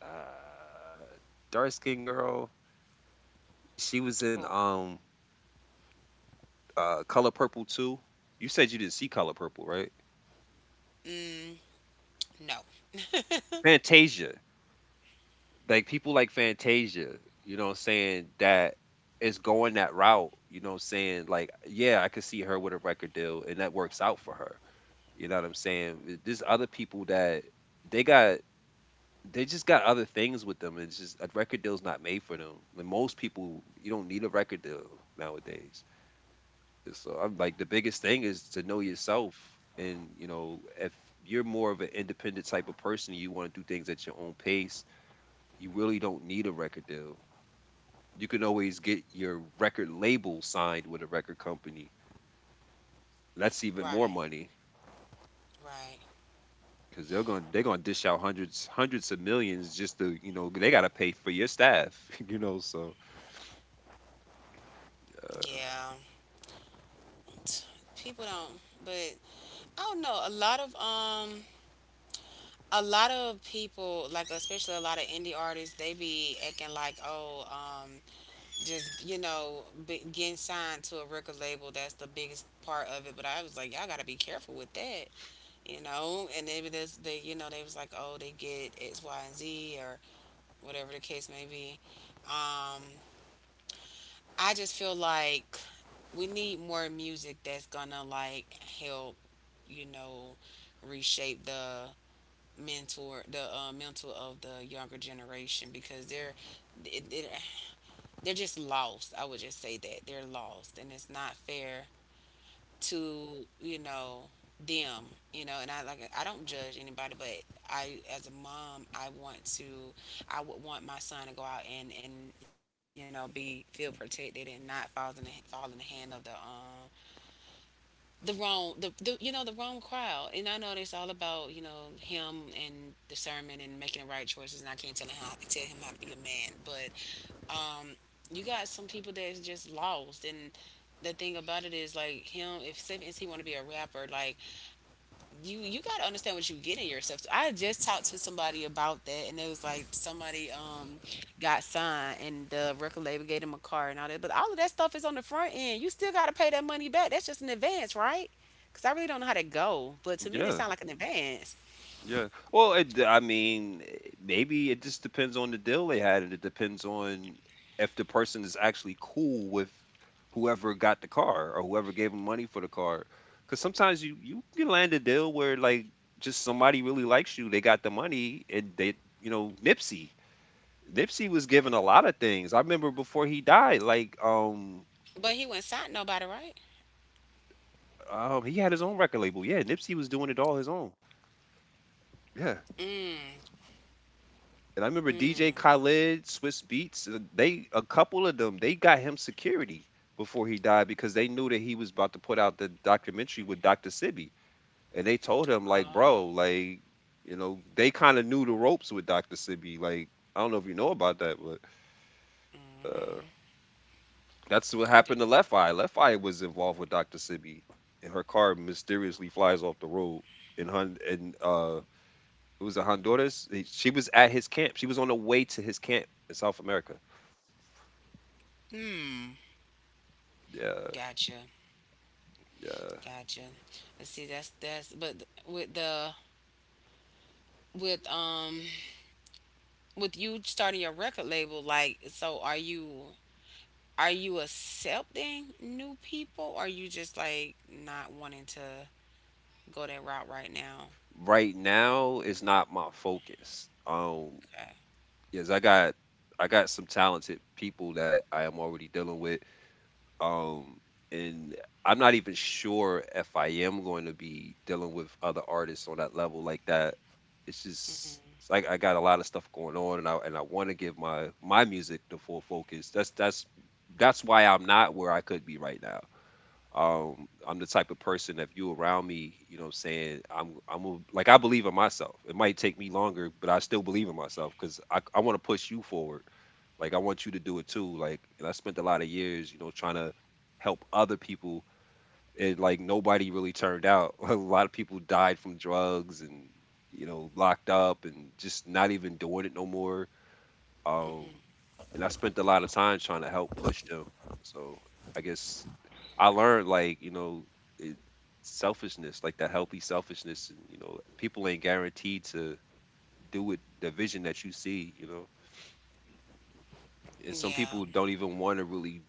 [SPEAKER 1] Uh dark skinned girl. She was in
[SPEAKER 2] Who?
[SPEAKER 1] Color Purple too. You said you didn't see Color Purple, right?
[SPEAKER 2] No.
[SPEAKER 1] Fantasia. Like people like Fantasia, you know what I'm saying, that is going that route, you know what I'm saying? Like, yeah, I could see her with a record deal and that works out for her. You know what I'm saying? There's other people that they got they just got other things with them. It's just a record deal's not made for them. And most people you don't need a record deal nowadays. So I'm like the biggest thing is to know yourself. And you know, if you're more of an independent type of person, you want to do things at your own pace, you really don't need a record deal. You can always get your record label signed with a record company. That's even more
[SPEAKER 2] Right,
[SPEAKER 1] money.
[SPEAKER 2] right.
[SPEAKER 1] Cause they're gonna dish out hundreds of millions, just to, you know, they gotta pay for your staff you know, so uh,
[SPEAKER 2] Yeah. T- People don't, but I don't know. A lot of people, like especially a lot of indie artists, they be acting like, "Oh, um, just, you know, be, getting signed to a record label, that's the biggest part of it." But I was like, "Y'all got to be careful with that." You know, and maybe this they, you know, they was like, "Oh, they get X, Y, and Z, or whatever the case may be." Um, I just feel like we need more music that's gonna like help, you know, reshape the mentor the mental of the younger generation because they're it- it- they're just lost. I would just say that they're lost, and it's not fair to, you know, them, you know. And I, like, I don't judge anybody, but I, as a mom, I want to, I would want my son to go out and, you know, be, feel protected and not fall in the hand of the, um, the wrong the, you know, the wrong crowd. And I know it's all about, you know, him and discernment and making the right choices, and I can't tell him how to be a man, but um, you got some people that's just lost. And the thing about it is like, him, if say, since he want to be a rapper, like, you got to understand what you get in yourself. So I just talked to somebody about that, and it was like somebody, um, got signed and the record label gave him a car and all that, but all of that stuff is on the front end. You still got to pay that money back. That's just an advance, right? Because I really don't know how to go, but to me this
[SPEAKER 1] yeah.
[SPEAKER 2] sound like an advance.
[SPEAKER 1] Yeah, well I mean maybe it just depends on the deal they had, and it depends on if the person is actually cool with whoever got the car or whoever gave them money for the car, because sometimes you can land a deal where like just somebody really likes you, they got the money, and they, you know, Nipsey, Nipsey was given a lot of things. I remember before he died, like
[SPEAKER 2] But he wasn't signed nobody, right?
[SPEAKER 1] he had his own record label. Yeah, Nipsey was doing it all his own. Yeah. And I remember DJ Khaled, Swiss Beats, they a couple of them, they got him security before he died because they knew that he was about to put out the documentary with Dr. Sibby. And they told him like, "Bro,
[SPEAKER 2] Oh,
[SPEAKER 1] like, you know," they kind of knew the ropes with Dr. Sibby. Like, I don't know if you know about that, but uh that's what
[SPEAKER 2] I do.
[SPEAKER 1] happened to Left Eye. Left Eye was involved with Dr. Sibi, and her car mysteriously flies off the road in Hon in it was in Honduras. She was at his camp. She was on the way to his camp in South America.
[SPEAKER 2] Hmm.
[SPEAKER 1] Yeah,
[SPEAKER 2] Gotcha.
[SPEAKER 1] yeah.
[SPEAKER 2] Gotcha. But see, that's but with the with um, with you starting your record label, like, so are you, are you accepting new people? Or are you just like not wanting to go that route right now?
[SPEAKER 1] Right now is not my focus.
[SPEAKER 2] Okay.
[SPEAKER 1] Yes, I got some talented people that I am already dealing with. Um, and I'm not even sure if I am going to be dealing with other artists on that level like that. It's like I got a lot of stuff going on, and I want to give my my music the full focus. That's that's why I'm not where I could be right now. I'm the type of person if you around me, what I'm saying, like I believe in myself. It might take me longer, but I still believe in myself because I want to push you forward. Like I want you to do it too. Like and I spent a lot of years, you know, trying to help other people, and like nobody really turned out. A lot of people died from drugs and, you know, locked up and just not even doing it no more. Um and I spent a lot of time trying to help push them. So I guess I learned, like, you know, it, selfishness, like that healthy selfishness, and you know, people ain't guaranteed to do it the vision that you see, you know, and some
[SPEAKER 2] Yeah,
[SPEAKER 1] people don't even want to really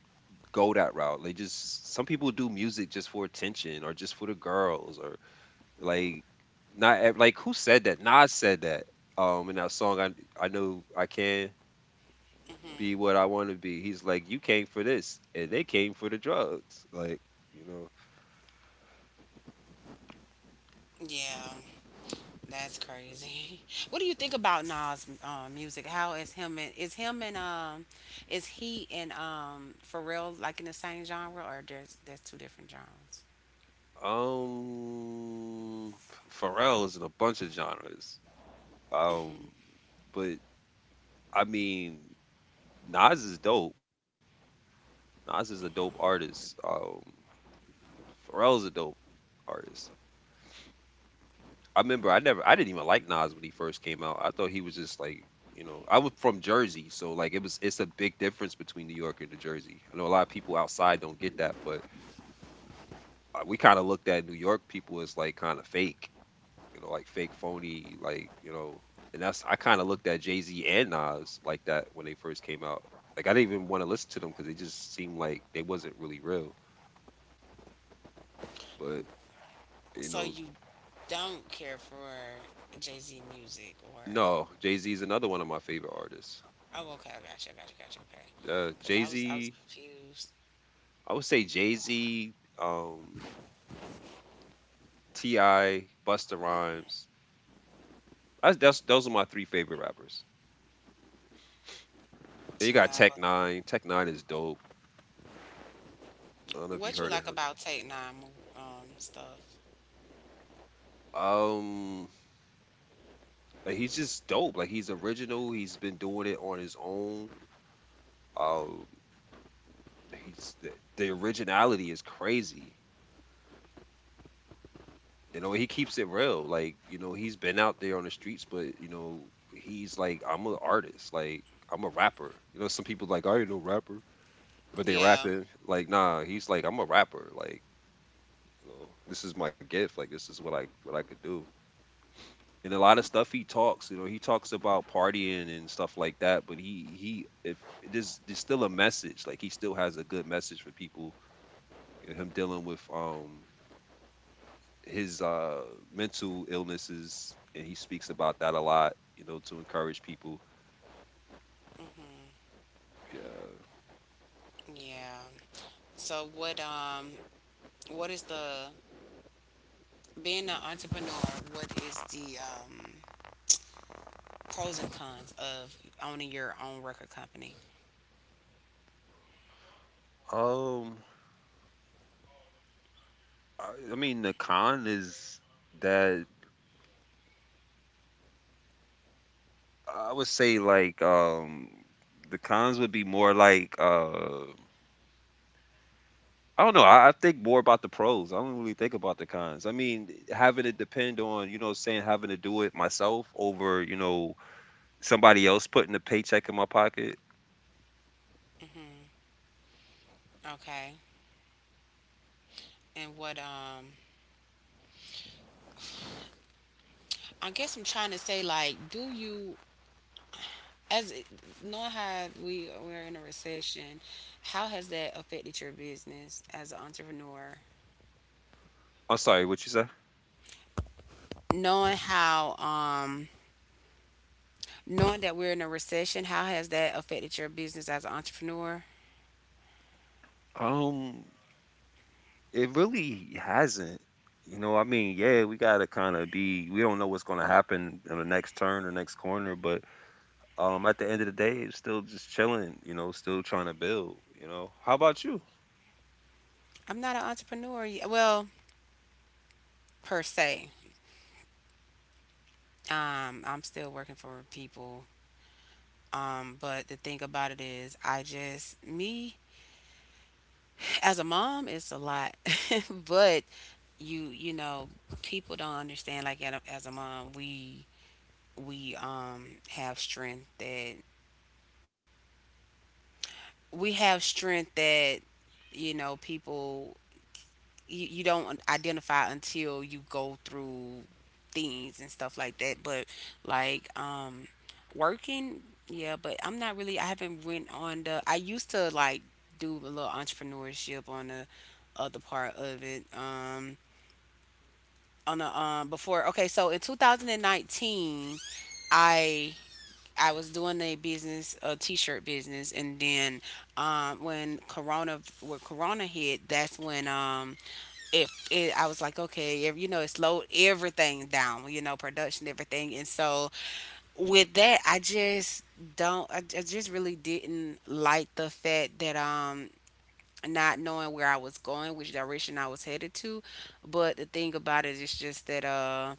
[SPEAKER 1] go that route. Like, just some people do music just for attention or just for the girls or like not ev- like who said that? Nas said that. In that song, I know I can be what I want to be. He's like, you came for this and they came for the drugs. Like, you know.
[SPEAKER 2] yeah, that's crazy. What do you think about Nas' music? How is him and is him and is he and um, Pharrell like in the same genre, or there's two different genres?
[SPEAKER 1] Um Pharrell is in a bunch of genres. Um but I mean, Nas is dope. Nas is a dope artist. Pharrell's a dope artist. I remember I never I didn't even like Nas when he first came out. I thought he was just like, you know, I was from Jersey, so like it was, it's a big difference between New York and New Jersey. I know a lot of people outside don't get that, but we kind of looked at New York people as like kind of fake, you know, like fake, phony, like, you know, and that's, I kind of looked at Jay-Z and Nas like that when they first came out. Like I didn't even want to listen to them cuz they just seemed like they wasn't really real. But, you
[SPEAKER 2] So
[SPEAKER 1] know,
[SPEAKER 2] you don't care for Jay Z music or,
[SPEAKER 1] no, Jay-Z is another one of my favorite artists.
[SPEAKER 2] oh okay, I gotcha, I gotcha, gotcha, okay. Because I was, I was
[SPEAKER 1] Jay-Z
[SPEAKER 2] confused.
[SPEAKER 1] I would say Jay Z, T.I., Busta Rhymes. That's, those are my three favorite rappers. Then you
[SPEAKER 2] Ti
[SPEAKER 1] got Tech
[SPEAKER 2] Busta.
[SPEAKER 1] Nine. Tech Nine is dope. I don't know if you
[SPEAKER 2] What you
[SPEAKER 1] heard of
[SPEAKER 2] like
[SPEAKER 1] him.
[SPEAKER 2] about Tate Nine um, stuff?
[SPEAKER 1] Um, like, he's just dope. Like, he's original. He's been doing it on his own. Um, he's the, the originality is crazy. You know, he keeps it real. Like, you know, he's been out there on the streets, but you know, he's like, I'm an artist. Like, I'm a rapper. You know, some people like, I ain't no rapper, but they
[SPEAKER 2] Yeah,
[SPEAKER 1] rapping, like, nah, he's like, I'm a rapper. Like, you know, this is my gift. Like, this is what I could do. And a lot of stuff he talks, you know, he talks about partying and stuff like that, but he, if there's still a message, like he still has a good message for people, him dealing with his mental illnesses, and he speaks about that a lot, you know, to encourage people. Yeah.
[SPEAKER 2] yeah. So what um, what is the being an entrepreneur, what is the um, pros and cons of owning your own record company?
[SPEAKER 1] um I mean, the con is that, I would say like, the cons would be more like, I don't know. I think more about the pros. I don't really think about the cons. I mean, having to depend on, you know, what I'm saying, having to do it myself over, you know, somebody else putting a paycheck in my pocket.
[SPEAKER 2] Okay. And what um, I guess I'm trying to say, like, do you, as it- knowing how we're in a recession, how has that affected your business as an entrepreneur?
[SPEAKER 1] I'm sorry, what you say?
[SPEAKER 2] Knowing how, knowing that we're in a recession, how has that affected your business as an entrepreneur?
[SPEAKER 1] Um, it really hasn't. You know, I mean, yeah, we gotta kind of be. We don't know what's gonna happen in the next turn or next corner, but at the end of the day, it's still just chilling, you know, still trying to build, you know. How about you?
[SPEAKER 2] I'm not an entrepreneur, well, per se. I'm still working for people. But the thing about it is, I just me, as a mom, it's a lot, but you you know people don't understand, like as a mom, we have strength that we have strength that people you don't identify until you go through things and stuff like that. But like um working. Yeah, but I'm not really, I haven't went on the, I used to like do a little entrepreneurship on the other part of it. On the Before, okay, so in 2019, i I was doing a business, a t-shirt business, and then when Corona hit, that's when I was like, okay, it slowed everything down, you know, production, everything. And so with that, I just don't, I just really didn't like the fact that not knowing where I was going, which direction I was headed to. But the thing about it is just that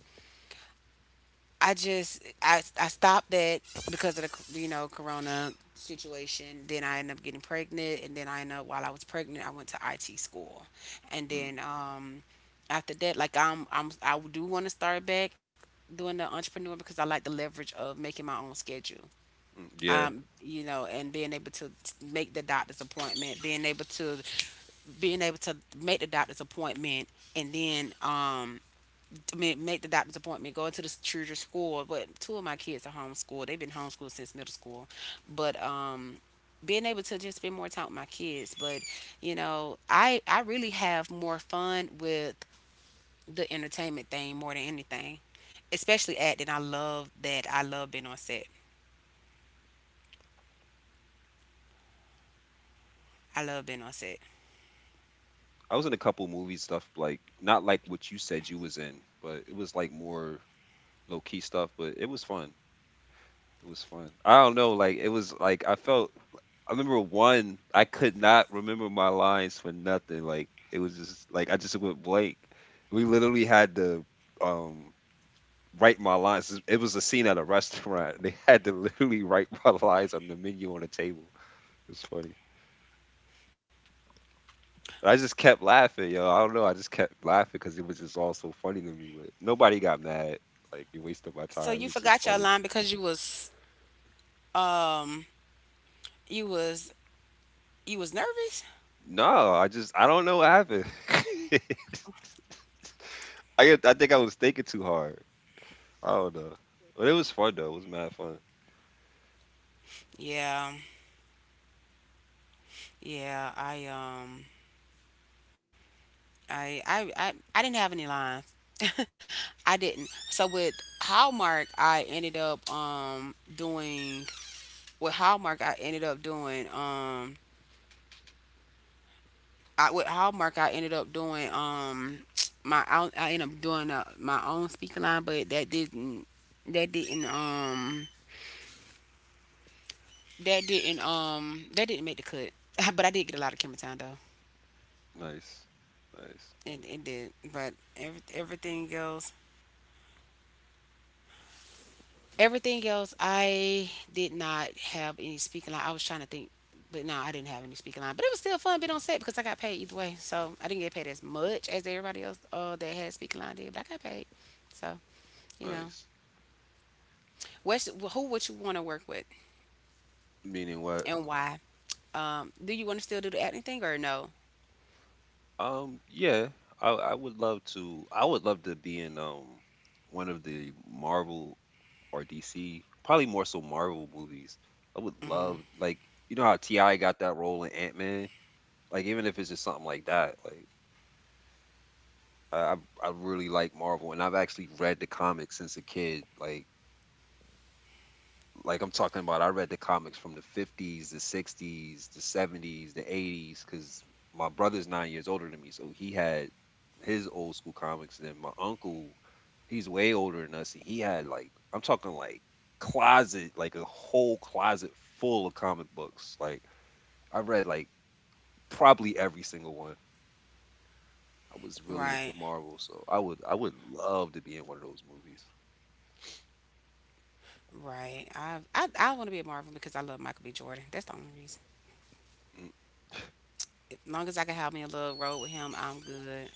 [SPEAKER 2] I just I stopped that because of the, you know, corona situation. Then I ended up getting pregnant, and then I ended up, while I was pregnant, I went to IT school, and
[SPEAKER 1] Mm,
[SPEAKER 2] then after that, like I do want to start back doing the entrepreneur, because I like the leverage of making my own schedule.
[SPEAKER 1] mm, yeah.
[SPEAKER 2] You know, and being able to make the doctor's appointment, being able to make the doctor's appointment, and then make the doctor's appointment, go into the children's school. But two of my kids are homeschooled. They've been homeschooled since middle school. But being able to just spend more time with my kids. But you know, I really have more fun with the entertainment thing more than anything, especially acting. I love that. I love being on set.
[SPEAKER 1] I was in a couple movie stuff, like not like what you said you was in, but it was like more low key stuff, but it was fun. It was fun. I don't know, like it was like I felt, I remember one, I could not remember my lines for nothing. Like, it was just like I just went blank. We literally had to um write my lines. It was a scene at a restaurant. They had to literally write my lines on the menu on the table. It's funny. And I just kept laughing, yo. I don't know. I just kept laughing because it was just all so funny to me. But nobody got mad. Like, you wasted my
[SPEAKER 2] So
[SPEAKER 1] time. It
[SPEAKER 2] you
[SPEAKER 1] was just
[SPEAKER 2] forgot your
[SPEAKER 1] funny.
[SPEAKER 2] line because you was you was nervous.
[SPEAKER 1] No, I just, I don't know what happened. I think I was thinking too hard. I don't know. But it was fun though. It was mad fun.
[SPEAKER 2] Yeah, yeah. I didn't have any lines. I didn't. So with Hallmark, I ended up doing with Hallmark. I ended up doing I, with Hallmark. I ended up doing my I ended up doing my own speaking line, but that didn't that didn't that didn't that didn't make the cut. But I did get a lot of camera time though.
[SPEAKER 1] Nice, nice,
[SPEAKER 2] It did. But everything else Everything Else, I did not have any speaking line. I was trying to think, but no, I didn't have any speaking line. But it was still fun being on set because I got paid either way. So I didn't get paid as much as everybody else that had speaking line did, but I got paid. So you know,
[SPEAKER 1] nice.
[SPEAKER 2] Who would you want to work with
[SPEAKER 1] Meaning what?
[SPEAKER 2] and why? Do you want to still do the acting thing or no?
[SPEAKER 1] Yeah, I would love to. I would love to be in one of the Marvel or DC, probably more so Marvel movies. I would love, like, you know how T.I. got that role in Ant-Man? Like, even if it's just something like that, like I I really like Marvel and I've actually read the comics since a kid. Like I'm talking about, I read the comics from the 50s, the 60s, the 70s, the 80s, because my brother's 9 years older than me. So he had his old school comics. Then my uncle, he's way older than us. And he had like, I'm talking like closet, like a whole closet full of comic books. Like, I read like probably every single one. I was really into
[SPEAKER 2] Right,
[SPEAKER 1] Marvel. So I would love to be in one of those movies.
[SPEAKER 2] right. I want to be a Marvel because I love Michael B. Jordan. That's the only reason.
[SPEAKER 1] Mm,
[SPEAKER 2] As long as I can have me a little role with him, I'm good.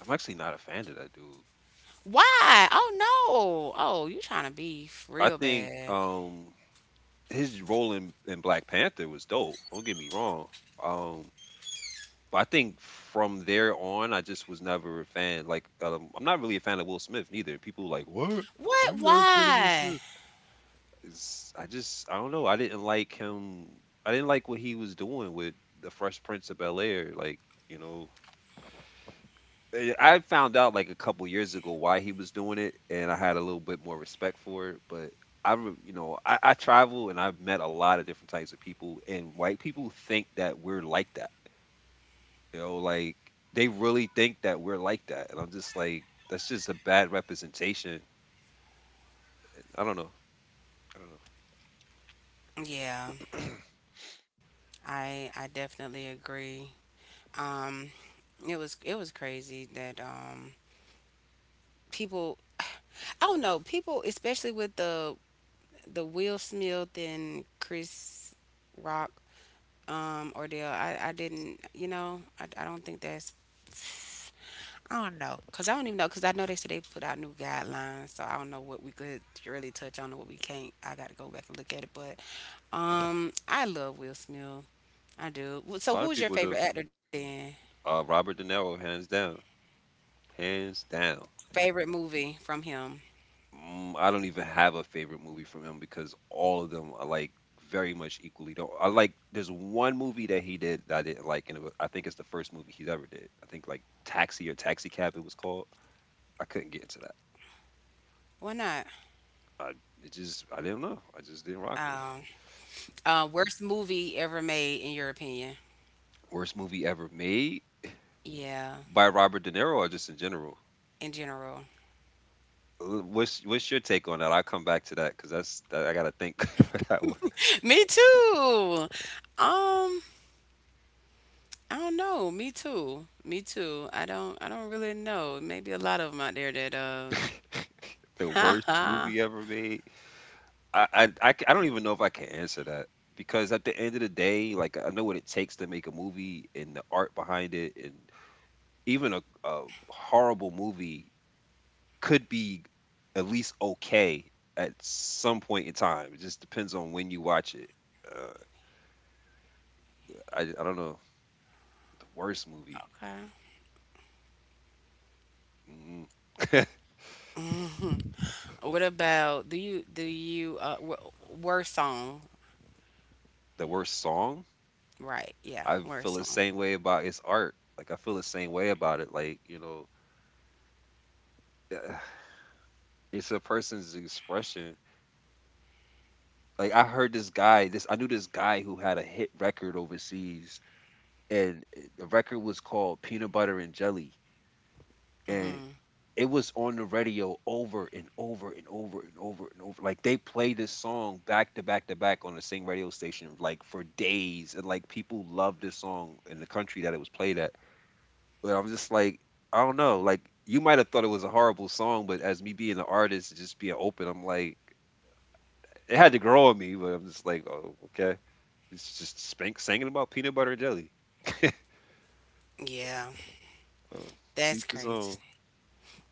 [SPEAKER 1] I'm actually not a fan of that dude.
[SPEAKER 2] Why? Oh no. Oh, you trying to beef
[SPEAKER 1] I
[SPEAKER 2] real
[SPEAKER 1] think,
[SPEAKER 2] bad.
[SPEAKER 1] his role in Black Panther was dope. Don't get me wrong. Um, but I think from there on, I just was never a fan. Like, I'm not really a fan of Will Smith neither. People were like, what? How
[SPEAKER 2] What?
[SPEAKER 1] you not a fan of Will
[SPEAKER 2] Why?
[SPEAKER 1] Smith? It's, I just, I don't know. I didn't like him. I didn't like what he was doing with the Fresh Prince of Bel Air. Like, you know, eh, I found out like a couple years ago why he was doing it, and I had a little bit more respect for it. But I, you know, I travel and I've met a lot of different types of people, and white people think that we're like that. You know, like they really think that we're like that, and I'm just like, that's just a bad representation. I don't know. I don't know.
[SPEAKER 2] Yeah, I definitely agree. Um, it was crazy that people I don't know, people, especially with the Will Smith and Chris Rock ordeal. I didn't, you know, I don't think that's, I don't know, cause I don't even know, cause I know they said they put out new guidelines, so I don't know what we could really touch on and what we can't. I got to go back and look at it, but I love Will Smith. I do.
[SPEAKER 1] A
[SPEAKER 2] So,
[SPEAKER 1] lot of
[SPEAKER 2] who's your
[SPEAKER 1] people do.
[SPEAKER 2] favorite actor then?
[SPEAKER 1] Robert De Niro, hands down, hands down.
[SPEAKER 2] Favorite movie from him?
[SPEAKER 1] Mm, I don't even have a favorite movie from him because all of them are like very much equally don't. I like, there's one movie that he did that I didn't like, and it was, I think it's the first movie he's ever did. I think like Taxi or Taxi Cab it was called. I couldn't get into that.
[SPEAKER 2] Why not?
[SPEAKER 1] I, it just, I didn't know. I just didn't rock with it.
[SPEAKER 2] Um, worst movie ever made in your opinion?
[SPEAKER 1] Worst movie ever made
[SPEAKER 2] Yeah,
[SPEAKER 1] by Robert De Niro or just in general.
[SPEAKER 2] in general.
[SPEAKER 1] What's your take on that? I'll come back to that because that's that, I gotta think for that one.
[SPEAKER 2] Me too. Um, I don't know. Me too. Me too. I don't. I don't really know. Maybe a lot of them out there that
[SPEAKER 1] The worst
[SPEAKER 2] uh,
[SPEAKER 1] movie ever made. I don't even know if I can answer that because at the end of the day, like I know what it takes to make a movie and the art behind it, and even a horrible movie could be at least okay at some point in time. It just depends on when you watch it. Uh, I don't know the worst movie,
[SPEAKER 2] Okay.
[SPEAKER 1] mm,
[SPEAKER 2] What about worst song?
[SPEAKER 1] the worst song.
[SPEAKER 2] Right. Yeah,
[SPEAKER 1] I feel
[SPEAKER 2] worst
[SPEAKER 1] the
[SPEAKER 2] song.
[SPEAKER 1] same way about its art. Like, I feel the same way about it. Like, you know, it's a person's expression. Like, I heard this guy, this I knew this guy who had a hit record overseas, and eh, the record was called Peanut Butter and Jelly, and
[SPEAKER 2] Mhm.
[SPEAKER 1] it was on the radio over and over and over and over and over. Like, they played this song back to back to back on the same radio station, like for days, and like people loved this song in the country that it was played at. But I'm just like, I don't know. Like, you might have thought it was a horrible song, but as me being an artist, just being open, I'm like, it had to grow on me. But I'm just like, oh, okay. It's just spank, singing about peanut butter and jelly.
[SPEAKER 2] Yeah.
[SPEAKER 1] Uh,
[SPEAKER 2] That's
[SPEAKER 1] teach his
[SPEAKER 2] crazy.
[SPEAKER 1] own.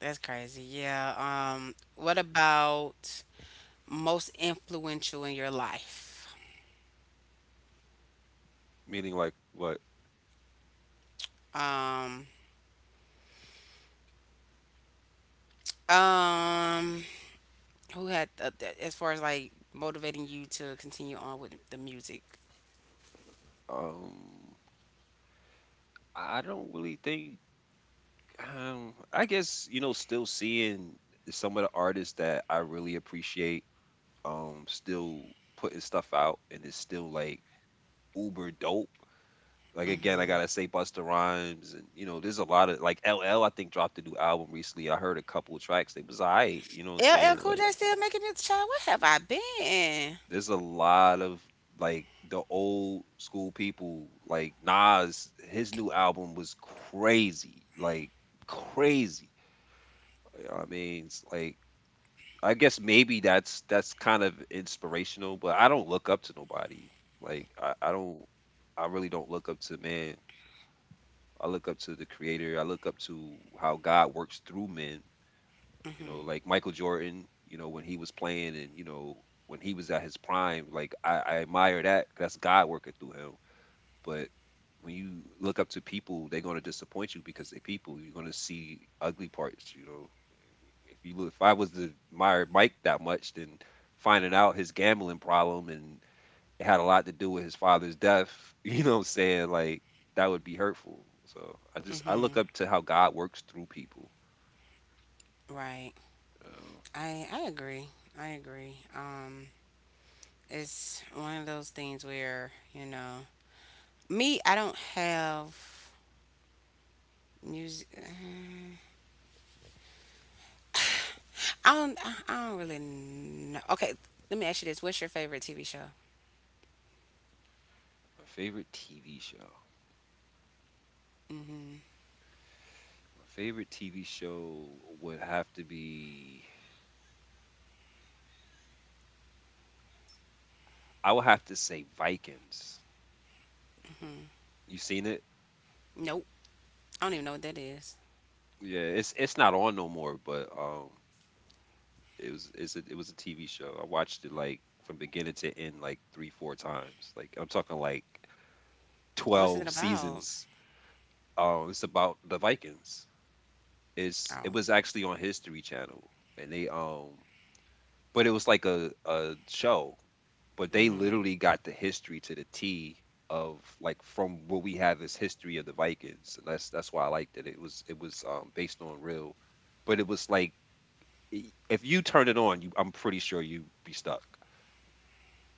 [SPEAKER 2] That's crazy. Yeah. What about most influential in your life?
[SPEAKER 1] Meaning like what?
[SPEAKER 2] Um um who had as far as like motivating you to continue on with the music?
[SPEAKER 1] Um, I don't really think. I guess, you know, still seeing some of the artists that I really appreciate. Still putting stuff out and it's still like uber dope. Like again, I
[SPEAKER 2] Mm.
[SPEAKER 1] gotta say Busta Rhymes and you know, there's a lot of like LL. I think dropped a new album recently. I heard a couple of tracks. They was alright. You know what I'm
[SPEAKER 2] LL
[SPEAKER 1] saying?
[SPEAKER 2] Cool
[SPEAKER 1] Like
[SPEAKER 2] J still making this child? Where have I been?
[SPEAKER 1] there's a lot of like the old school people, like Nas. His new album was crazy, like crazy. I mean, it's like I guess maybe that's kind of inspirational, but I don't look up to nobody. Like I don't, I really don't look up to man. I look up to the creator. I look up to how God works through men. You
[SPEAKER 2] Mhm.
[SPEAKER 1] know, like Michael Jordan, you know, when he was playing and, you know, when he was at his prime, like I admire that. That's God working through him. But when you look up to people, they're gonna disappoint you because they're people. You're gonna see ugly parts, If you look, if I was to admire Mike that much, then finding out his gambling problem and it had a lot to do with his father's death, you know what I'm saying? Like that would be hurtful. So I just I look
[SPEAKER 2] Mhm.
[SPEAKER 1] up to how God works through people.
[SPEAKER 2] Right.
[SPEAKER 1] Uh,
[SPEAKER 2] I agree. I agree. It's one of those things where you know me. I don't have music. I don't. I don't really know. Okay, let me ask you this: what's your favorite TV show?
[SPEAKER 1] my favorite TV show.
[SPEAKER 2] Hmm.
[SPEAKER 1] My favorite TV show would have to be, I would have to say Vikings. You seen it?
[SPEAKER 2] Nope. I don't even know what that is.
[SPEAKER 1] Yeah, it's not on no more, but it was, it was a TV show. I watched it like from beginning to end like 3 4 times. Like I'm talking like
[SPEAKER 2] What's
[SPEAKER 1] 12
[SPEAKER 2] it about?
[SPEAKER 1] seasons. It's about the Vikings. It
[SPEAKER 2] Oh.
[SPEAKER 1] was actually on History Channel, and they but it was like a show, but they
[SPEAKER 2] Hmm.
[SPEAKER 1] literally got the history to the T of like from what we have as history of the Vikings, and that's why I liked it. It was based on real, but it was like if you turn it on, you, I'm pretty sure you'd be stuck.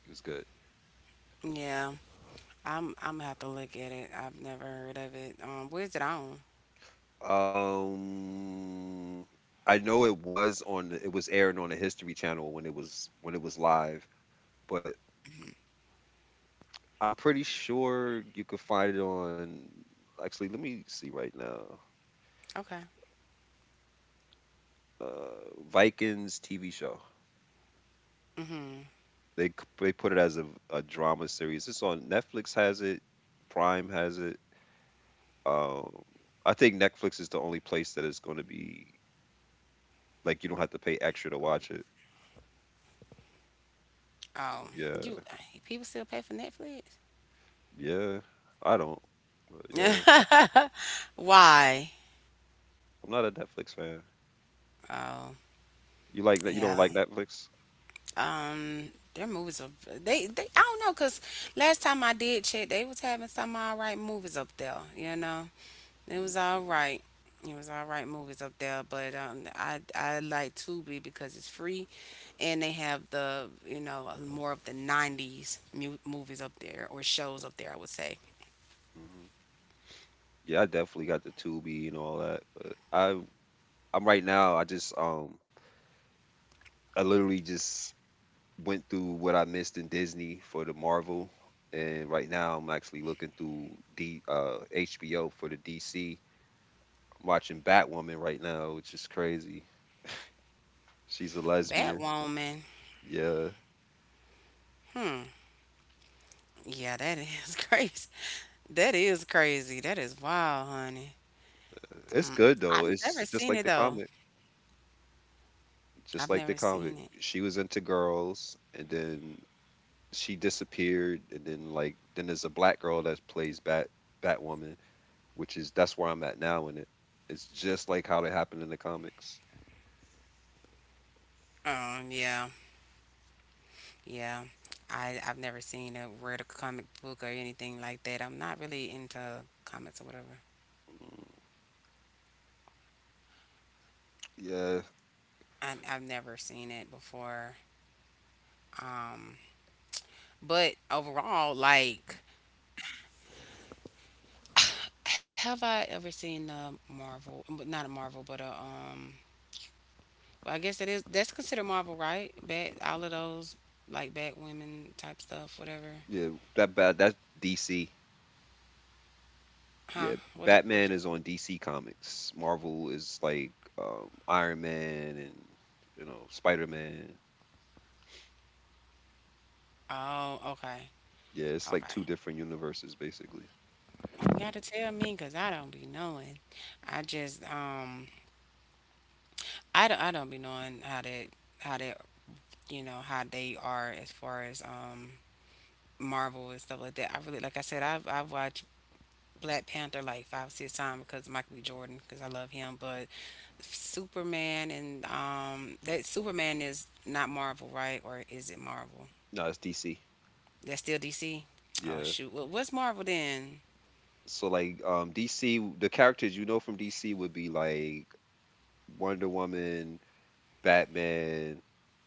[SPEAKER 1] It was good.
[SPEAKER 2] Yeah. I'm gonna have to look at it. I've never heard of it. Where's it on?
[SPEAKER 1] Um, I know it was on the, it was airing on the History Channel when it was, when it was live, but I'm pretty sure you could find it on. Actually, let me see right now.
[SPEAKER 2] Okay.
[SPEAKER 1] Vikings TV show.
[SPEAKER 2] Hmm.
[SPEAKER 1] They c- they put it as a drama series. It's on Netflix has it, Prime has it. Um, I think Netflix is the only place that it's going to be, like, you don't have to pay extra to watch it.
[SPEAKER 2] Oh,
[SPEAKER 1] Yeah,
[SPEAKER 2] you. People still pay for Netflix?
[SPEAKER 1] yeah. I don't. But yeah,
[SPEAKER 2] Why?
[SPEAKER 1] I'm not a Netflix fan.
[SPEAKER 2] Oh.
[SPEAKER 1] You like that? You don't
[SPEAKER 2] Yeah.
[SPEAKER 1] like Netflix?
[SPEAKER 2] Their movies are they I don't know, because last time I did check, they was having some all right movies up there. You know, it
[SPEAKER 1] Mm-hmm.
[SPEAKER 2] was all right. It was all right movies up there, but I like Tubi because it's free, and they have the, you know, more of the '90s movies up there or shows up there, I would say.
[SPEAKER 1] Hmm. Yeah, I definitely got the Tubi and all that. I'm right now. I just I literally just went through what I missed in Disney for the Marvel, and right now I'm actually looking through D HBO for the DC. Am watching Batwoman right now, which is crazy. She's a lesbian.
[SPEAKER 2] Batwoman.
[SPEAKER 1] Yeah,
[SPEAKER 2] Yeah, that is crazy. That is crazy. That is wild, honey.
[SPEAKER 1] it's good though.
[SPEAKER 2] I've never
[SPEAKER 1] It's just
[SPEAKER 2] seen
[SPEAKER 1] like
[SPEAKER 2] it
[SPEAKER 1] the
[SPEAKER 2] though.
[SPEAKER 1] comic, just
[SPEAKER 2] I've
[SPEAKER 1] like the
[SPEAKER 2] never
[SPEAKER 1] comic.
[SPEAKER 2] seen it.
[SPEAKER 1] She was into girls, and then she disappeared, and then like then there's a black girl that plays Batwoman, which is, that's where I'm at now in it. It's just like how it happened in the comics.
[SPEAKER 2] Yeah, yeah. I've never seen a read a comic book or anything like that. I'm not really into comics or whatever.
[SPEAKER 1] Mm, yeah.
[SPEAKER 2] I've never seen it before. Um, but overall, like, have I ever seen a Marvel? But Not a Marvel, but a well, I guess it is. That's considered Marvel, right? All of those like Bat Women type stuff, whatever.
[SPEAKER 1] Yeah, that bad. That's DC.
[SPEAKER 2] Huh?
[SPEAKER 1] Yeah,
[SPEAKER 2] What? What?
[SPEAKER 1] Batman is on DC Comics. Marvel is like Iron Man and you know Spider Man.
[SPEAKER 2] Oh, okay,
[SPEAKER 1] Yeah, it's like
[SPEAKER 2] okay.
[SPEAKER 1] two different universes basically.
[SPEAKER 2] You gotta tell me, cause I don't be knowing. I just I don't be knowing how that, you know, how they are as far as Marvel and stuff like that. I really, like I said, I've watched Black Panther like 5 6 times because of Michael B. Jordan, because I love him. But Superman and that, Superman is not Marvel, right, or is it Marvel?
[SPEAKER 1] No, it's DC.
[SPEAKER 2] That's still DC. Oh
[SPEAKER 1] Yeah.
[SPEAKER 2] shoot, what's Marvel then?
[SPEAKER 1] So like DC, the characters you know from DC would be like Wonder Woman, Batman,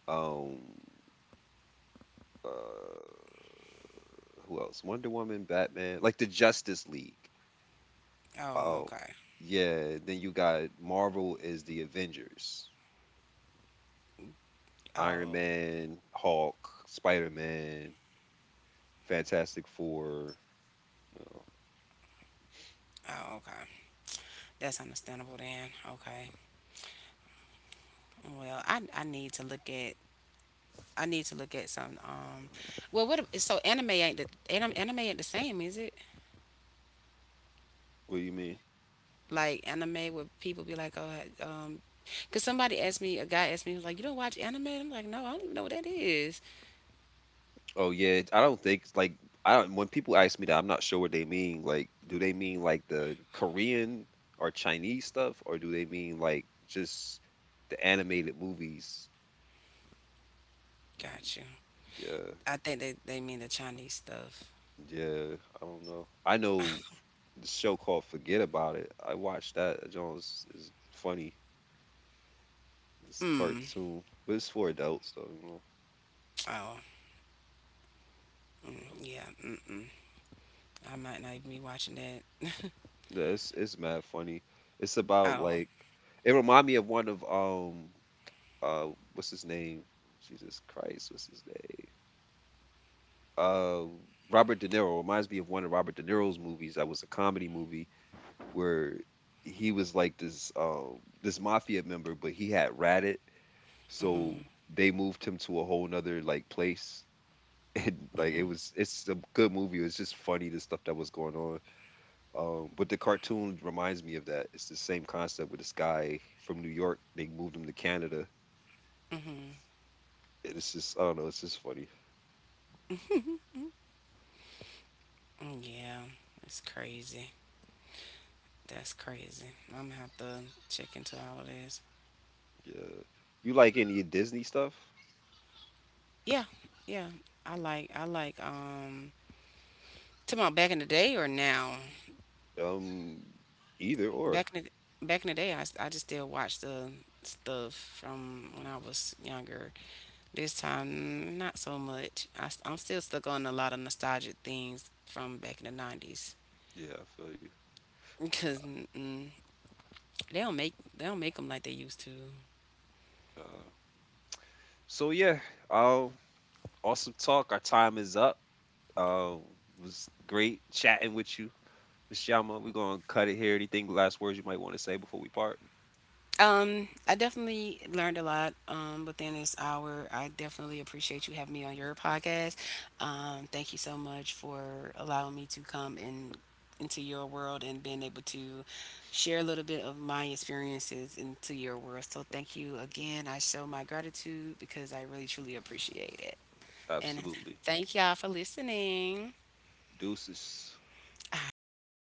[SPEAKER 1] um uh who else? Wonder Woman, Batman, like the Justice League.
[SPEAKER 2] Oh
[SPEAKER 1] Oh,
[SPEAKER 2] okay.
[SPEAKER 1] yeah. Then you got Marvel is the Avengers, Iron
[SPEAKER 2] Oh
[SPEAKER 1] Man, Hulk, Spider Man, Fantastic Four. Oh,
[SPEAKER 2] oh okay. That's understandable then. Okay. Well, I need to look at, I need to look at some what so anime ain't the anime ain't the same, is it?
[SPEAKER 1] what do you mean?
[SPEAKER 2] Like anime where people be like, "Oh, cuz somebody asked me, a guy asked me, he was like, 'You don't watch anime?' I'm like, 'No, I don't even know what that is.'"
[SPEAKER 1] Oh yeah, I don't think like, I don't, when people ask me that, I'm not sure what they mean. Like, do they mean like the Korean or Chinese stuff, or do they mean like just the animated movies?
[SPEAKER 2] Gotcha.
[SPEAKER 1] Yeah,
[SPEAKER 2] I think they mean the Chinese stuff.
[SPEAKER 1] yeah, I don't know. I know the show called Forget About It. I watched that. Jones is funny. It's a
[SPEAKER 2] Mm.
[SPEAKER 1] cartoon, but it's for adults though, you know.
[SPEAKER 2] Oh, yeah. Mm-mm. I might not even be watching that.
[SPEAKER 1] Yeah, it's mad funny. It's about
[SPEAKER 2] Oh,
[SPEAKER 1] like it remind me of one of what's his name? Jesus Christ, what's his name? Uh Robert De Niro, reminds me of one of Robert De Niro's movies that was a comedy movie where he was like this this mafia member, but he had ratted, so they moved him to a whole nother like place. And like it was, it's a good movie. It's just funny the stuff that was going on. But the cartoon reminds me of that. It's the same concept with this guy from New York. They moved him to Canada. And it's just, I don't know. It's just funny.
[SPEAKER 2] mm, yeah. It's crazy. That's crazy. I'm gonna have to check into all of this.
[SPEAKER 1] Yeah. You like any Disney stuff?
[SPEAKER 2] Yeah, yeah. I like, I like talking about back in the day or now.
[SPEAKER 1] Um, Either or.
[SPEAKER 2] Back in the day, I just still watch the stuff from when I was younger. This time, not so much. I am still stuck on a lot of nostalgic things from back in the '90s
[SPEAKER 1] Yeah, I feel you.
[SPEAKER 2] because they don't make, they don't make them like they used to.
[SPEAKER 1] Uh, so yeah, um, awesome talk. Our time is up. Um, was great chatting with you, Miss Yama. We're gonna cut it here. Anything last words you might want to say before we part?
[SPEAKER 2] I definitely learned a lot within this hour. I definitely appreciate you having me on your podcast. Thank you so much for allowing me to come in into your world, and being able to share a little bit of my experiences into your world. So thank you again. I show my gratitude because I really truly appreciate it. And
[SPEAKER 1] Absolutely.
[SPEAKER 2] thank y'all for listening.
[SPEAKER 1] Deuces.
[SPEAKER 2] All right, bye.